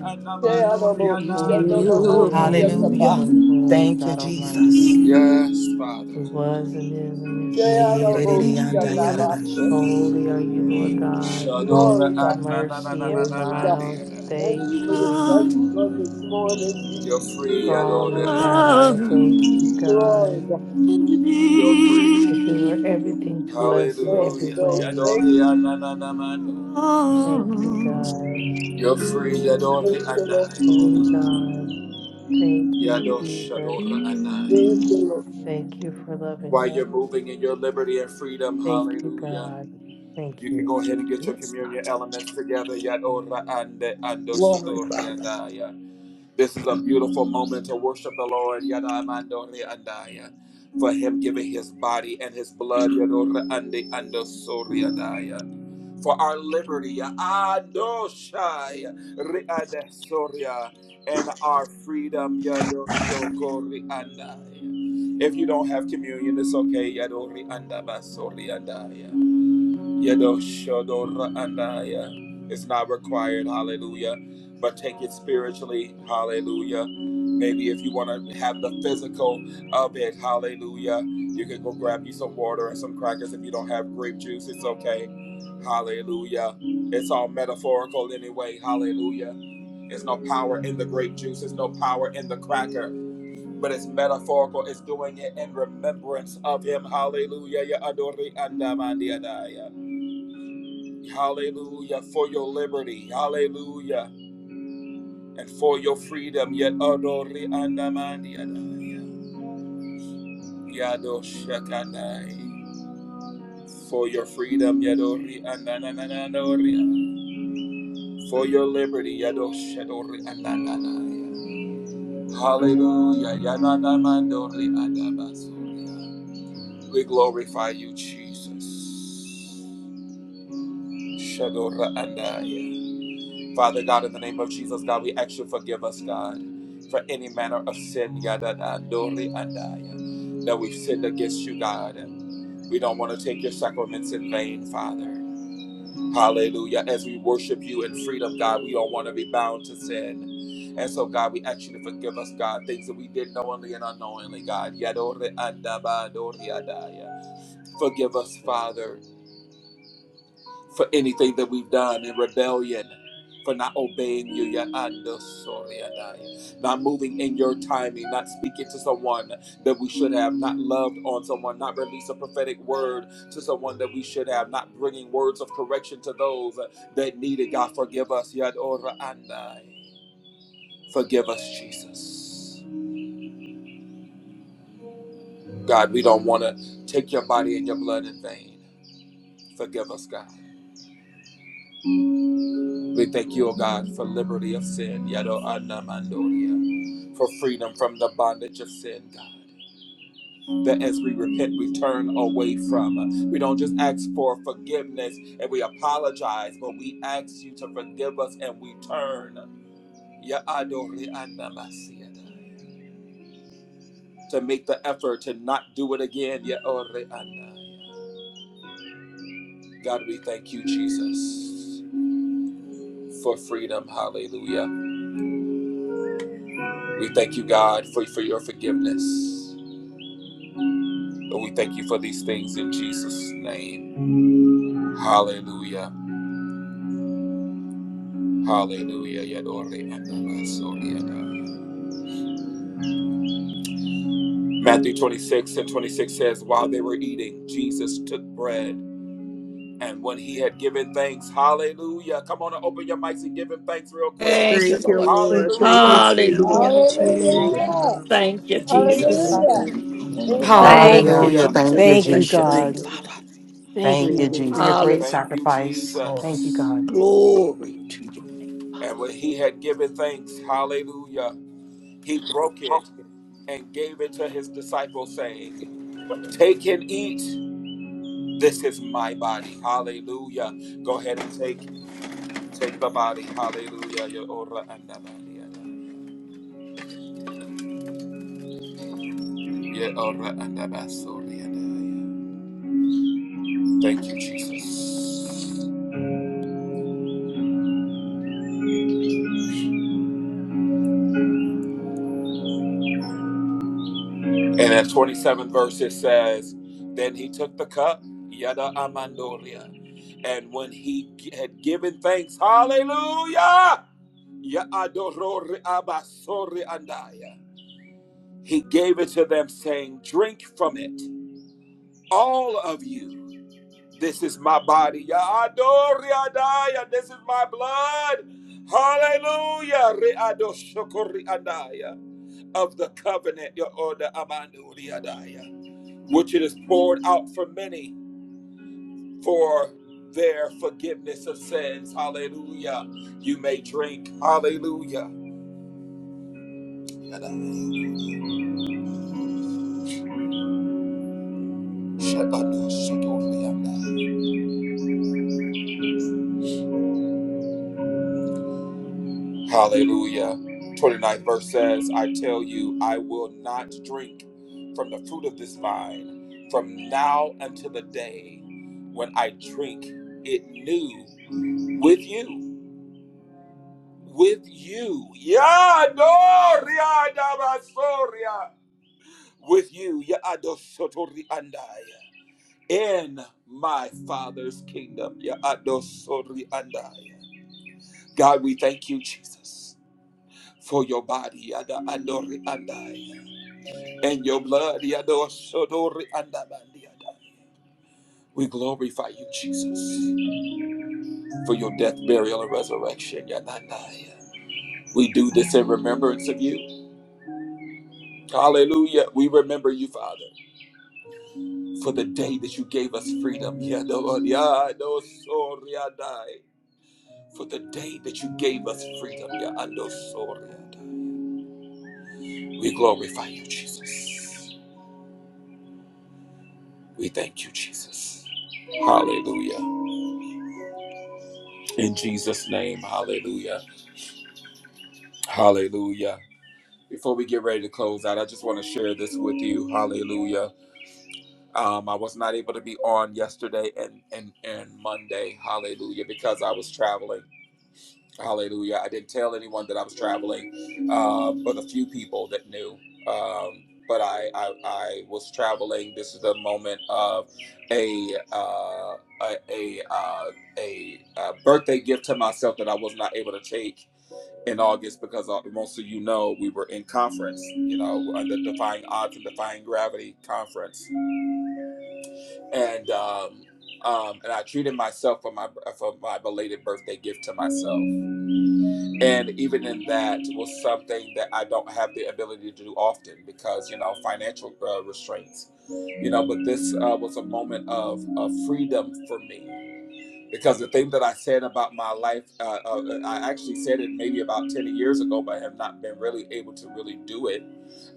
S9: Hallelujah.
S7: the elbow, the elbow, the
S5: Holy, holy,
S7: elbow,
S5: holy is
S9: Hallelujah.
S5: the Lord
S9: Thank you,
S5: God
S9: Jesus.
S5: Almighty,
S1: Yes,
S5: who
S1: Father.
S5: was and is and is to
S7: the
S9: Hey, re,
S1: Thank
S5: come.
S9: re,
S8: in
S7: elbow,
S1: you,
S9: re,
S8: the
S9: yanda,
S7: the
S9: yada,
S1: Jesus.
S9: da.
S7: elbow.
S5: Holy are you, Lord
S8: dream.
S5: God,
S7: Glory, God.
S5: mercy
S7: Thank
S5: and
S7: you, God.
S5: mild.
S7: Thank
S5: Thank
S7: you for your
S5: you,
S8: Young
S7: presence on this morning.
S1: You're free,
S5: strong
S1: Adore
S5: in
S8: love
S5: battle. Thank you,
S8: in
S7: Glory,
S5: God,
S7: God.
S8: me.
S1: You're free.
S5: that you are everything to
S7: Thank
S5: us
S7: you,
S5: in
S7: Holy
S5: every
S1: Hallelujah.
S7: Ghost.
S5: way.
S7: Thank you.
S5: Thank you,
S8: Oh,
S5: God.
S1: You're free, Yadore
S7: Thank you, Lord.
S1: anaya.
S5: Holy God, thank you, Jesus.
S7: Thank you, Lord.
S5: Thank you for loving
S1: While
S5: us.
S1: you're moving in your liberty and freedom,
S5: Thank you,
S1: hallelujah.
S5: God. Thank
S1: You can
S5: you.
S1: go ahead and get your
S8: Yes, God.
S1: communion elements together.
S7: Glory, Father.
S1: This is a beautiful moment to worship the Lord. For him giving his body and his blood. For our liberty. And our freedom. If you don't have communion, it's okay. It's not required, hallelujah. But take it spiritually, hallelujah. Maybe if you want to have the physical of it, hallelujah. You can go grab you some water and some crackers if you don't have grape juice, it's okay. Hallelujah. It's all metaphorical anyway, hallelujah. There's no power in the grape juice, there's no power in the cracker, but it's metaphorical. It's doing it in remembrance of him, hallelujah. Hallelujah for your liberty. Hallelujah. And for your freedom. Yet adori andamandi adai. Yado shakadai. For your freedom. Yadori andanananadori. For your liberty. Yado shadori andananai. Hallelujah. Yananamandori andabasuri. We glorify you, Jesus. Shadora andai. Father God, in the name of Jesus, God, we ask you to forgive us, God, for any manner of sin, yada, da, dori, adaya, that we've sinned against you, God. We don't want to take your sacraments in vain, Father. Hallelujah. As we worship you in freedom, God, we don't want to be bound to sin. And so, God, we ask you to forgive us, God, things that we did knowingly and unknowingly, God. Yadori, adaba, dori, adaya. Forgive us, Father, for anything, for not you, yet. Not prophetic word, those that need forgiveness. and uh, forgive us. God, we don't want to take your body and your blood in vain. Forgive us, God. We thank you, O God, for liberty of sin, for freedom from the bondage of sin, God. That as we repent, we turn away from. We don't just ask for forgiveness and we apologize, but we ask you to forgive us and we turn. To make the effort to not do it again, God, we thank you, Jesus, for freedom. Hallelujah. We thank you, God, for, for your forgiveness. Lord, we thank you for these things in Jesus' name. Hallelujah. Hallelujah. Yadore andaba soria daya. Matthew 26 and 26 says, While they were eating, Jesus took bread. And when he had given thanks, hallelujah. Come on and open your mics and give him thanks real quick.
S8: Thank you,
S7: Thank you,
S8: Lord.
S10: Thank
S7: Lord.
S10: you,
S7: Thank you,
S1: Hallelujah.
S10: Jesus.
S7: Jesus.
S8: Hallelujah.
S10: Glory to
S4: you,
S10: your
S7: We
S10: name, O
S11: Thank
S4: Jesus.
S11: you,
S7: thank you,
S10: God.
S7: God.
S11: hallelujah.
S8: Thank you,
S11: Thank
S4: Give
S11: you,
S4: me
S10: Thank you,
S11: Lord.
S8: Jesus.
S4: my
S7: Thank
S4: son.
S10: Father.
S6: Hallelujah.
S7: you,
S11: Thank you,
S4: Amen.
S6: Thank you,
S11: Lord. Thank you,
S6: Father.
S8: Thank you,
S5: Hallelujah.
S9: Hallelujah.
S11: Yeshua.
S1: Hallelujah.
S9: Thank
S7: Lord.
S8: Jesus.
S11: for
S9: you,
S11: much
S5: Thank you,
S8: Bless
S11: love.
S8: your
S9: Jesus.
S7: Thank
S8: name,
S5: God.
S7: you,
S8: Father.
S7: Lord.
S5: Thank
S9: Thank
S7: Thank
S9: you,
S7: you,
S5: you
S7: Lord.
S5: for
S9: Jesus.
S5: your great
S8: Hallelujah.
S1: Thank you,
S5: sacrifice. Thank you,
S1: Jesus.
S5: God.
S8: Glory to your name,
S1: And
S8: Father.
S1: when he had given thanks, hallelujah, he broke it and gave it to his disciples, saying, Take and eat. This is my body. Hallelujah. Go ahead and take take the body. Hallelujah. Ya ora anda maria daya. Ya ora anda basoria Thank you, Jesus. And at 27 verse it says, Then he took the cup, yada amandoria. And when he had given thanks, hallelujah. Ya adoro abasore andaya. He gave it to them, saying, Drink from it, all of you. This is my body. Ya adore andaya. This is my blood. Hallelujah. Re adoshoko andaya. Of the covenant, Ya order amandu andaya, which it is poured out for many for their forgiveness of sins. Hallelujah. You may drink. Hallelujah. Shakadoshoko andaya. Hallelujah. Twenty ninth verse says, I tell you, I will not drink from the fruit of this vine from now until the day when I drink it new with you. With you. Yeah, no, ria, da, ba, so, With you. Yeah, ado, so, In my Father's kingdom. Yeah, ado, so, God, we thank you, Jesus, for your body. Yada, ando, ri, and and your blood. We glorify you, Jesus, for your death, burial, and resurrection. Yeah, nah, nah, yeah. We do this in remembrance of you. Hallelujah. We remember you, Father, for the day that you gave us freedom. For the day that you gave us freedom. We glorify you, Jesus. We thank you, Jesus. Hallelujah. In Jesus' name, hallelujah. Hallelujah. Before we get ready to close out, I just want to share this with you. Hallelujah. Um, I was not able to be on yesterday and, and, and Monday. Hallelujah. Because I was traveling. Hallelujah. I didn't tell anyone that I was traveling, uh, but a few people that knew. Um, but I, I, I was traveling. This is the moment of a, uh, a, a, uh, a, uh birthday gift to myself that I was not able to take in August because uh, most of you know we were in conference, you know, under Defying Odds and Defying Gravity conference, and um, um, and I treated myself for my for my belated birthday gift to myself, and even in that was something that I don't have the ability to do often because you know financial uh, restraints, you know, but this uh, was a moment of of freedom for me because the thing that I said about my life, uh, uh, uh, I actually said it maybe about 10 years ago, but I have not been really able to really do it.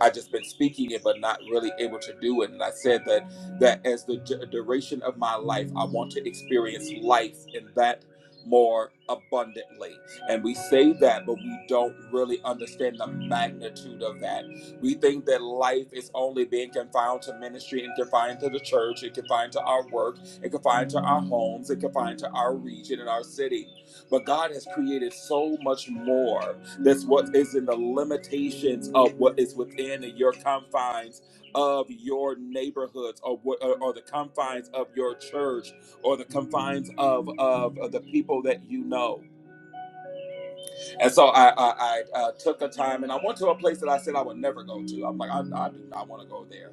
S1: I've just been speaking it, but not really able to do it. And I said that that as the du- duration of my life, I want to experience life in that more abundantly. And we say that, but we don't really understand the magnitude of that. We think that life is only being confined to ministry and confined to the church and confined to our work it confined to our homes. It confined to our region and our city. But God has created so much more. That's what is in the limitations of what is within your confines of your neighborhoods or, what, or, or the confines of your church or the confines of, of, of the people that you know. And so I, I, I uh, took a time and I went to a place that I said I would never go to. I'm like, I, I do not want to go there.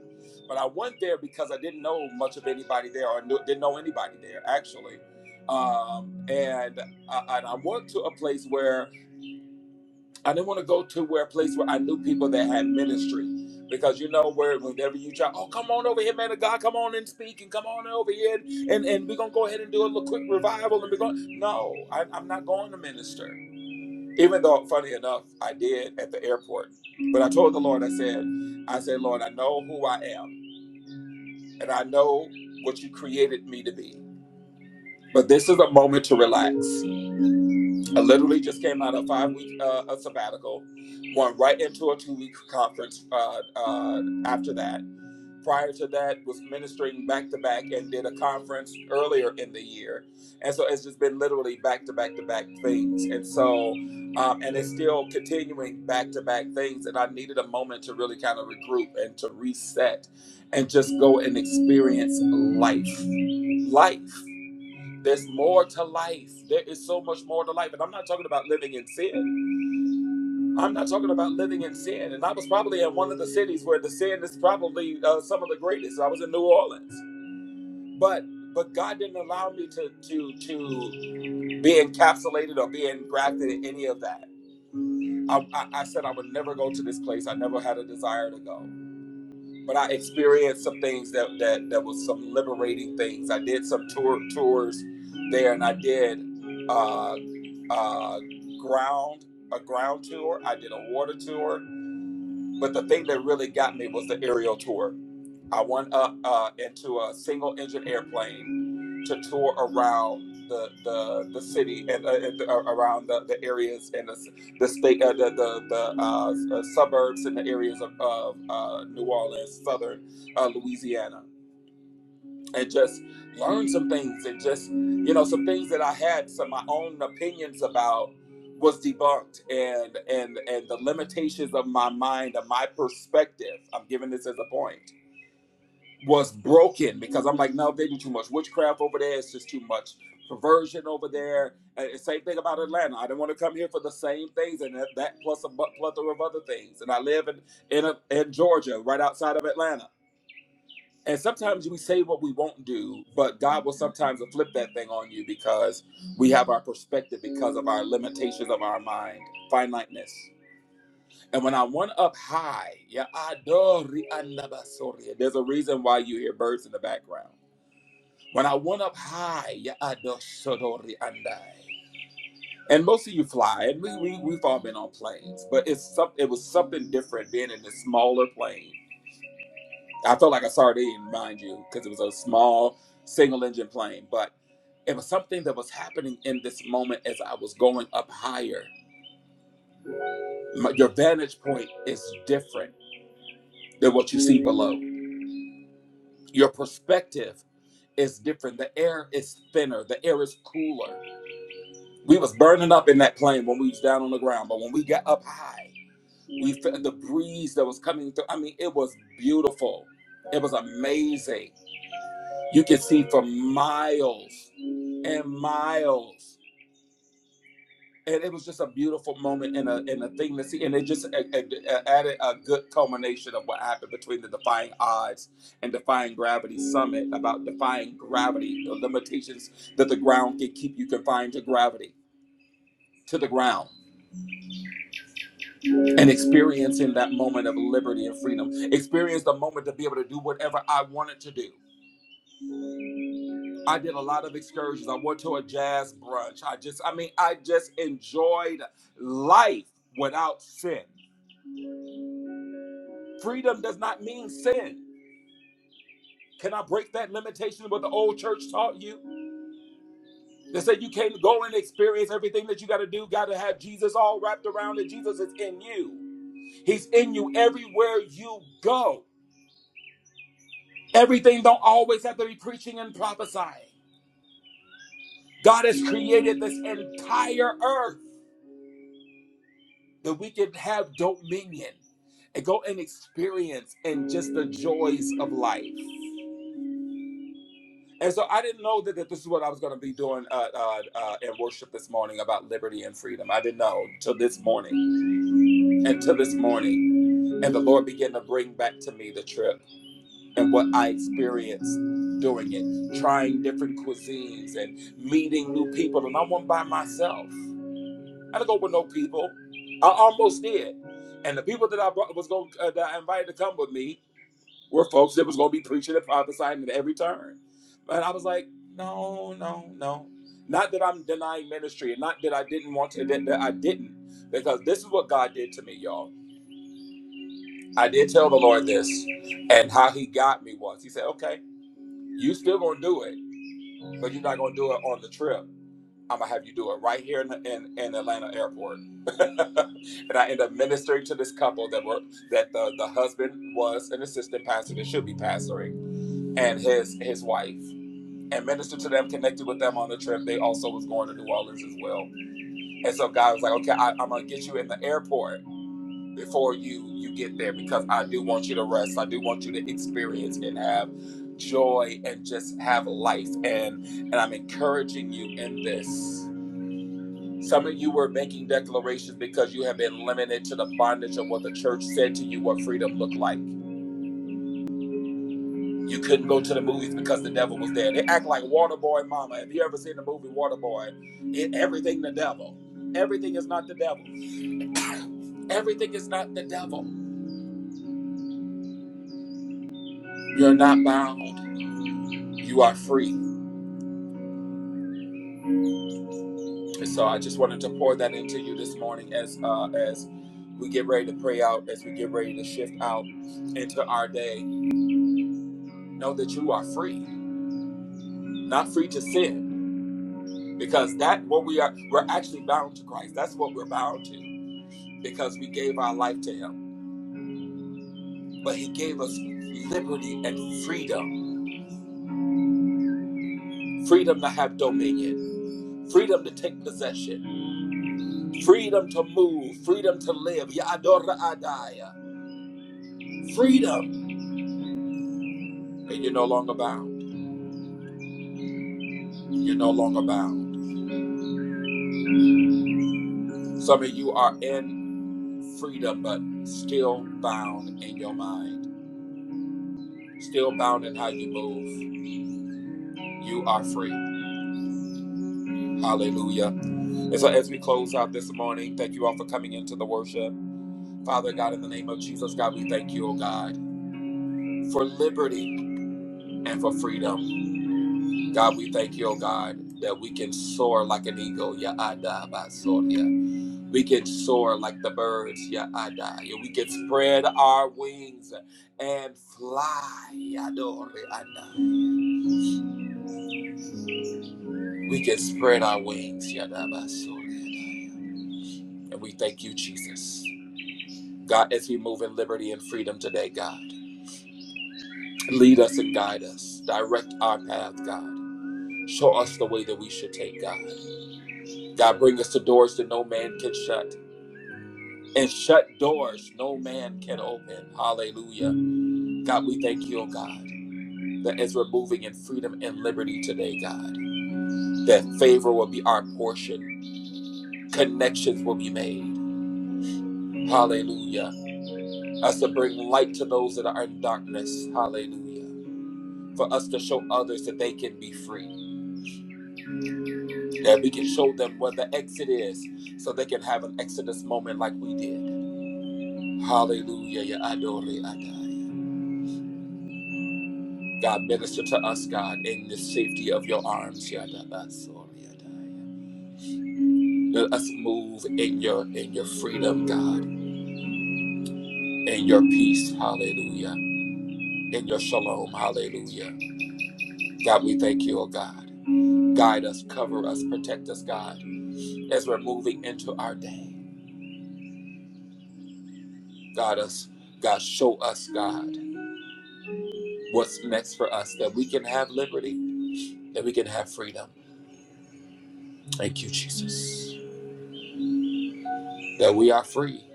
S1: But I went there because I didn't know much of anybody there or knew, didn't know anybody there, actually. Um, and, I, and I went to a place where I didn't want to go to where a place where I knew people that had ministry. Because you know where whenever you try, oh come on over here, man of God, come on and speak and come on over here and, and, we're gonna go ahead and do a little quick revival and we're going no, I, I'm not going to minister. Even though, funny enough, I did at the airport. But I told the Lord, I said, I said, Lord, I know who I am and I know what you created me to be. But this is a moment to relax. I literally just came out of five week uh, a sabbatical, went right into a two week conference uh, uh, after that. Prior to that, was ministering back to back and did a conference earlier in the year, and so it's just been literally back to back to back things, and so um, and it's still continuing back to back things, and I needed a moment to really kind of regroup and to reset, and just go and experience life, life. There's more to life. There is so much more to life. And I'm not talking about living in sin. I'm not talking about living in sin. And I was probably in one of the cities where the sin is probably uh, some of the greatest. I was in New Orleans. But but God didn't allow me to to to be encapsulated or be engrafted in any of that. I, I, I said I would never go to this place. I never had a desire to go. But I experienced some things that that that was some liberating things. I did some tour tours there, and I did Uh, uh, ground a ground tour. I did a water tour, but the thing that really got me was the aerial tour. I went up uh, into a single engine airplane to tour around the the, the city and, uh, uh, around the, the areas and the, the state uh, the the, the uh, uh, suburbs and the areas of, of uh, New Orleans, southern uh, Louisiana and just learn some things and just you know some things that i had some of my own opinions about was debunked and and and the limitations of my mind of my perspective i'm giving this as a point was broken because i'm like no they do too much witchcraft over there it's just too much perversion over there and same thing about atlanta i didn't want to come here for the same things and that, that plus a plethora of other things and i live in in, a, in georgia right outside of atlanta and sometimes we say what we won't do, but God will sometimes flip that thing on you because we have our perspective because of our limitations of our mind, finiteness. And when I went up high, yeah, adori anabasoria. There's a reason why you hear birds in the background. When I went up high, yeah, adosodori andai. And most of you fly, and we, we we've all been on planes, but it's some, it was something different being in a smaller plane I felt like a sardine, mind you, because it was a small single engine plane, but it was something that was happening in this moment as I was going up higher. My- Your vantage point is different than what you see below. Your perspective is different. The air is thinner. The air is cooler. We was burning up in that plane when we was down on the ground, but when we got up high, we felt the breeze that was coming through. I mean, it was beautiful. It was amazing. You could see for miles and miles. And it was just a beautiful moment and a, and a thing to see. And it just a- a- a- added a good culmination of what happened between the Defying Odds and Defying Gravity Summit about defying gravity, the limitations that the ground can keep you confined to gravity, to the ground, and experiencing that moment of liberty and freedom. Experience the moment to be able to do whatever I wanted to do I did a lot of excursions. I went to a jazz brunch. I just, I mean, I just enjoyed life without sin. Freedom does not mean sin. Can I break that limitation of what the old church taught you? They said you can't go and experience everything that you got to do. Got to have Jesus on it. Jesus is in you. He's in you every yo. Everything don't always have to be preaching and prophesying. God has created this entire earth that we can have dominion and go and experience and just the joys of life. And so I didn't know that, that this is what I was going to be doing uh, uh, uh, in worship this morning about liberty and freedom. I didn't know till this morning, and till this morning. And the Lord began to bring back to me the trip and what I experienced doing it, trying different cuisines and meeting new people. And I went by myself. I got not go with no people. I almost did, and the people that I brought was going uh, that I invited to come with me were folks that was going to be preaching and prophesying at every turn. But I was like, no, no, no. Not that I'm denying ministry, and not that I didn't want to, that, that I didn't, because this is what God did to me, y'all. I did tell the Lord this, and how He got me was He said, okay, you still gonna do it, but you're not gonna do it on the trip. I'm gonna have you do it right here in, in, in Atlanta airport. and I end up ministering to this couple that were that the, the husband was an assistant pastor that should be pastoring, and his his wife, and ministered to them, connected with them on the trip. They also was going to New Orleans as well. And so God was like, okay, I, I'm gonna get you in the airport before you you get there because I do want you to rest. I do want you to experience and have joy and just have life. And and I'm encouraging you in this. Some of you were making declarations because you have been limited to the bondage of what the church said to you what freedom looked like. You couldn't go to the movies because the devil was there. They act like Waterboy Mama. Have you ever seen the movie Waterboy? It, everything the devil. Everything is not the devil. Everything is not the devil. You're not bound. You are free. And so I just wanted to pour that into you this morning as uh, as we get ready to pray out, as we get ready to shift out into our day. Know that you are free. not free to sin because that what we are we're actually bound to christ that's what we're bound to because we gave our life to him but he gave us liberty and freedom freedom to have dominion freedom to take possession freedom to move freedom to live Yadora adaya. freedom and you're no longer bound you're no longer bound some of you are in freedom but still bound in your mind still bound in how you move you are free Hallelujah. And so as we close out this morning, thank you all for coming into the worship. Father God, in the name of Jesus, God, we thank you, oh God, for liberty and for freedom. God, we thank you, oh God, that we can soar like an eagle. Ya ada ba soria. We can soar like the birds. Ya ada. Yeah, We can spread our wings and fly. Ya do re ada. We can spread our wings. Ya da ba soria da. And we thank you, Jesus. God, as we move in liberty and freedom today, God, lead us and guide us. Direct our path, God. Show us the way that we should take, God. God, bring us to doors that no man can shut and shut doors no man can open. Hallelujah. God, we thank you, oh God, that as we're moving in freedom and liberty today, God, that favor will be our portion, connections will be made. Hallelujah. Us to bring light to those that are in darkness. Hallelujah. for us to show others that they can be free, that we can show them where the exit is so they can have an exodus moment like we did. Hallelujah. Ya adore adai. God, minister to us, God, in the safety of your arms. Ya da basore adai. Let us move in your in your freedom, God, in your peace, hallelujah, in your shalom, hallelujah. God, we thank you, oh God. Guide us, cover us, protect us, God, as we're moving into our day. God us, God show us, God, what's next for us, that we can have liberty, that we can have freedom. Thank you, Jesus. That we are free.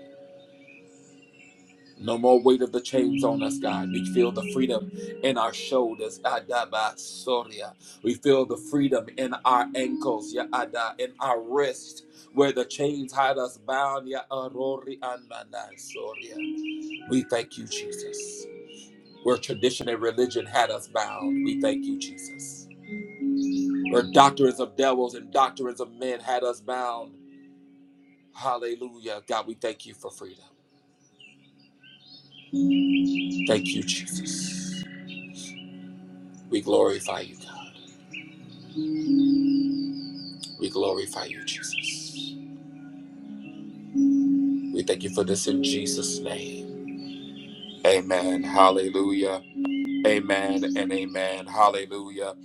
S1: No more weight of the chains on us, God. We feel the freedom in our shoulders. Adabasoria. We feel the freedom in our ankles, ya ada, in our wrist, where the chains had us bound. ya arori ananasoria. We thank you, Jesus. Where tradition and religion had us bound, we thank you, Jesus. where doctrines of devils and doctrines of men had us bound. Hallelujah. God, we thank you for freedom. Thank you, Jesus. We glorify you, God. We glorify you, Jesus. We thank you for this in Jesus' name. Amen. Hallelujah. Amen and amen. Hallelujah.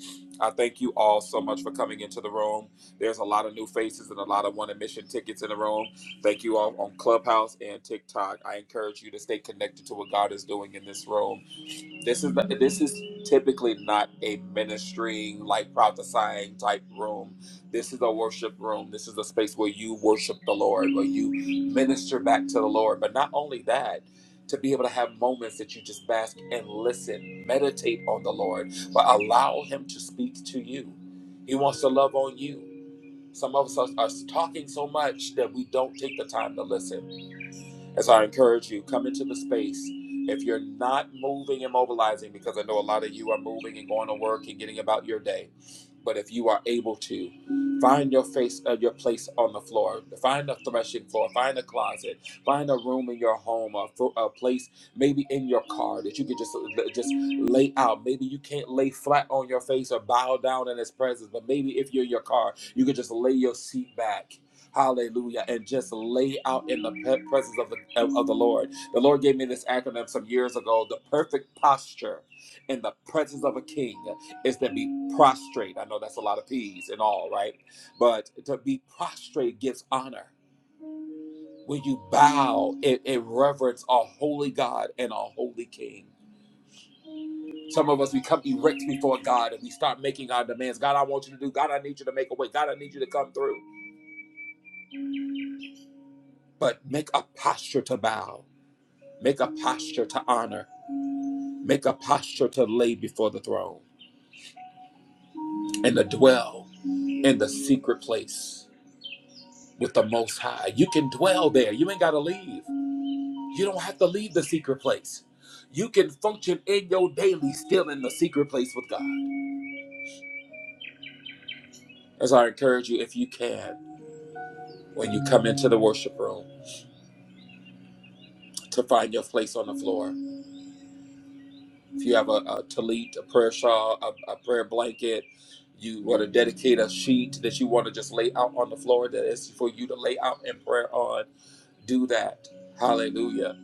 S1: I thank you all so much for coming into the room. There's a lot of new faces and a lot of one admission tickets in the room. Thank you all on Clubhouse and TikTok. I encourage you to stay connected to what God is doing in this room. This is the, this is typically not a ministering like prophesying type room. This is a worship room. This is a space where you worship the Lord, where you minister back to the Lord. But not only that, to be able to have moments that you just bask and listen, meditate on the Lord, but allow Him to speak to you. He wants to love on you. Some of us are, are talking so much that we don't take the time to listen. And so I encourage you, come into the space. If you're not moving and mobilizing, because I know a lot of you are moving and going to work and getting about your day, but if you are able to, find your face, uh, your place on the floor, find a threshing floor, find a closet, find a room in your home, a, fo- a place maybe in your car that you can just just lay out. Maybe you can't lay flat on your face or bow down in His presence, but maybe if you're in your car, you can just lay your seat back Hallelujah. And just lay out in the presence of the, of, of the Lord. The Lord gave me this acronym some years ago. The perfect posture in the presence of a king is to be prostrate. I know that's a lot of P's and all, right? But to be prostrate gives honor. When you bow, it, it reverence a holy God and a holy king. Some of us we come erect before God and we start making our demands. God, I want you to do. God, I need you to make a way. God, I need you to come through. But make a posture to bow. Make a posture to honor. Make a posture to lay before the throne and to dwell in the secret place with the Most High. You can dwell there. You ain't got to leave. You don't have to leave the secret place. You can function in your daily still in the secret place with God. As I encourage you, if you can, when you come into the worship room, to find your place on the floor If you have a, a tallit, a prayer shawl, a, a prayer blanket, you want to dedicate a sheet that you want to just lay out on the floor that is for you to lay out in prayer on, do that. Hallelujah.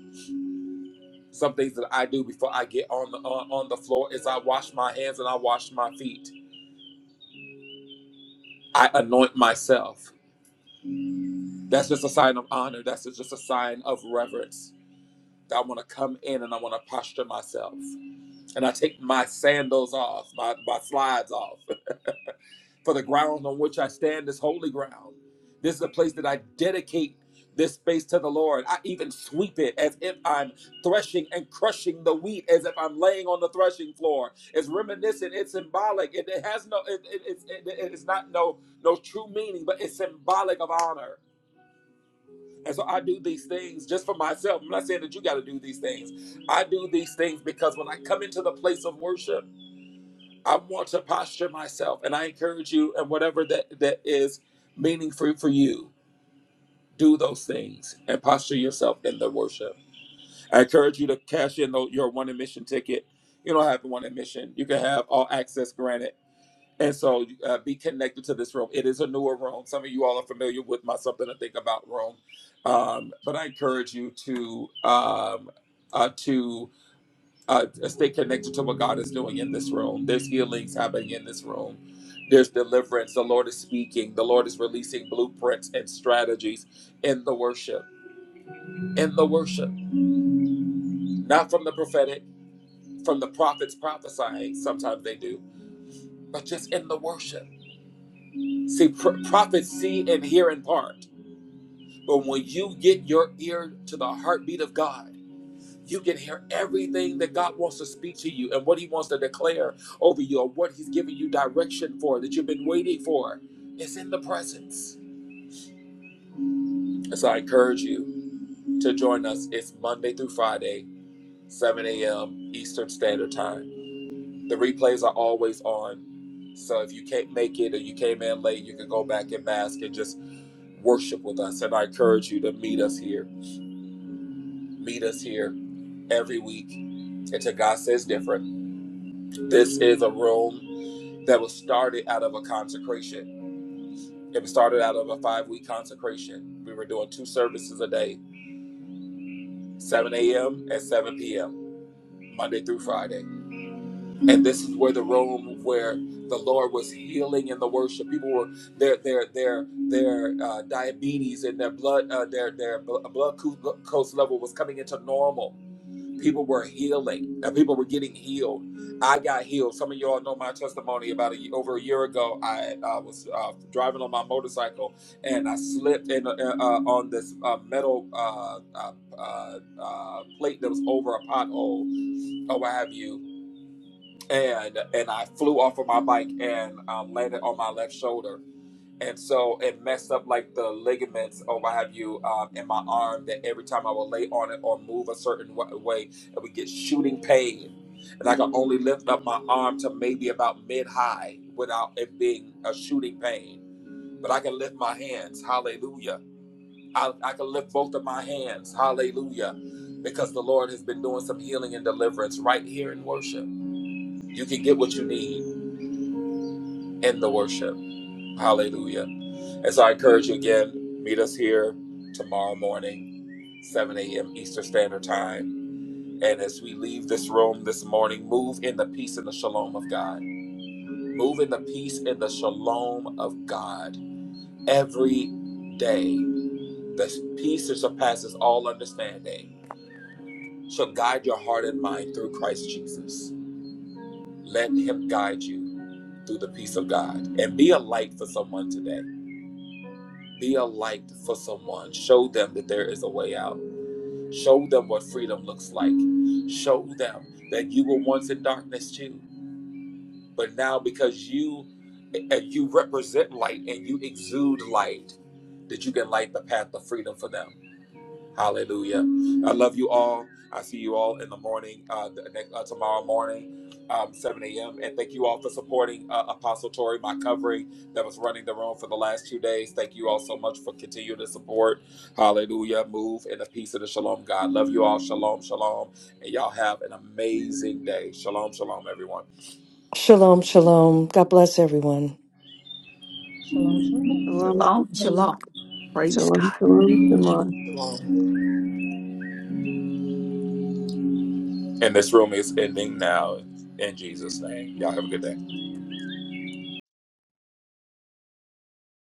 S1: Some things that I do before I get on the on, on the floor is I wash my hands and I wash my feet. I anoint myself. That's just a sign of honor. That's just a sign of reverence. That I want to come in and I want to posture myself. And I take my sandals off, my, my slides off for the ground on which I stand is holy ground. This is a place that I dedicate this space to the Lord. I even sweep it as if I'm threshing and crushing the wheat, as if I'm laying on the threshing floor. It's reminiscent. It's symbolic. It, it has no. It, it, it's it, it's not no no true meaning, but it's symbolic of honor. And so I do these things just for myself. I'm not saying that you got to do these things. I do these things because when I come into the place of worship. I want to posture myself, and I encourage you, and whatever that, that is meaningful for you, do those things and posture yourself in the worship. I encourage you to cash in tho- your one admission ticket. You don't have one admission, you can have all access granted. And so uh, be connected to this room. It is a newer room. Some of you all are familiar with my Something to Think About room. Um, but I encourage you to um, uh, to uh, stay connected to what God is doing in this room. There's healings happening in this room. There's deliverance. The Lord is speaking. The Lord is releasing blueprints and strategies in the worship. In the worship, not from the prophetic, from the prophets prophesying. Sometimes they do, but just in the worship. See, pr- prophets see and hear in part, but when you get your ear to the heartbeat of God. you can hear everything that God wants to speak to you and what He wants to declare over you or what He's giving you direction for that you've been waiting for. It's in the presence. so I encourage you to join us. It's Monday through Friday, 7 a.m. Eastern Standard Time. The replays are always on. So if you can't make it or you came in late, you can go back and mask and just worship with us. And I encourage you to meet us here. Meet us here every week until God says different. This is a room that was started out of a consecration. It was started out of a five week consecration. We were doing two services a day, 7 a.m. and 7 p.m., Monday through Friday. And this is where the room where the Lord was healing in the worship. People were their their their their uh, diabetes and their blood uh, their their bl- blood glucose level was coming into normal People were healing. Uh, People were getting healed. I got healed. Some of y'all know my testimony. About a, over a year ago, I uh, was uh, driving on my motorcycle and I slipped in, uh, uh, on this uh, metal uh, uh, uh, uh, plate that was over a pothole or what have you, and and I flew off of my bike and um, landed on my left shoulder and so it messed up like the ligaments or what have you um, in my arm that every time I would lay on it or move a certain wa- way, it would get shooting pain, and I could only lift up my arm to maybe about mid high without it being a shooting pain. But I can lift my hands, hallelujah. I, I can lift both of my hands, hallelujah, because the Lord has been doing some healing and deliverance right here in worship. You can get what you need in the worship. Hallelujah. And so I encourage you again, meet us here tomorrow morning, 7 a.m. Eastern Standard Time. And as we leave this room this morning, move in the peace and the shalom of God. Move in the peace and the shalom of God every day. The peace that surpasses all understanding shall guide your heart and mind through Christ Jesus. Let Him guide you through the peace of God and be a light for someone today. Be a light for someone. Show them that there is a way out. Show them what freedom looks like. Show them that you were once in darkness too, but now because you and you represent light and you exude light, that you can light the path of freedom for them. Hallelujah. I love you all. I see you all in the morning, uh, the next, uh, tomorrow morning, um, 7 a.m. And thank you all for supporting uh, Apostle Tori, my covering that was running the room for the last two days. Thank you all so much for continuing to support. Hallelujah. Move in the peace of the shalom, God. Love you all. Shalom, shalom. And y'all have an amazing day. Shalom, shalom, everyone.
S5: Shalom, shalom. God bless everyone.
S11: Shalom, shalom.
S6: Shalom.
S8: Shalom, shalom. Praise
S6: Shalom.
S8: God.
S6: Shalom. Shalom.
S4: Amen.
S1: And this room is ending now in Jesus' name. Y'all have a good day.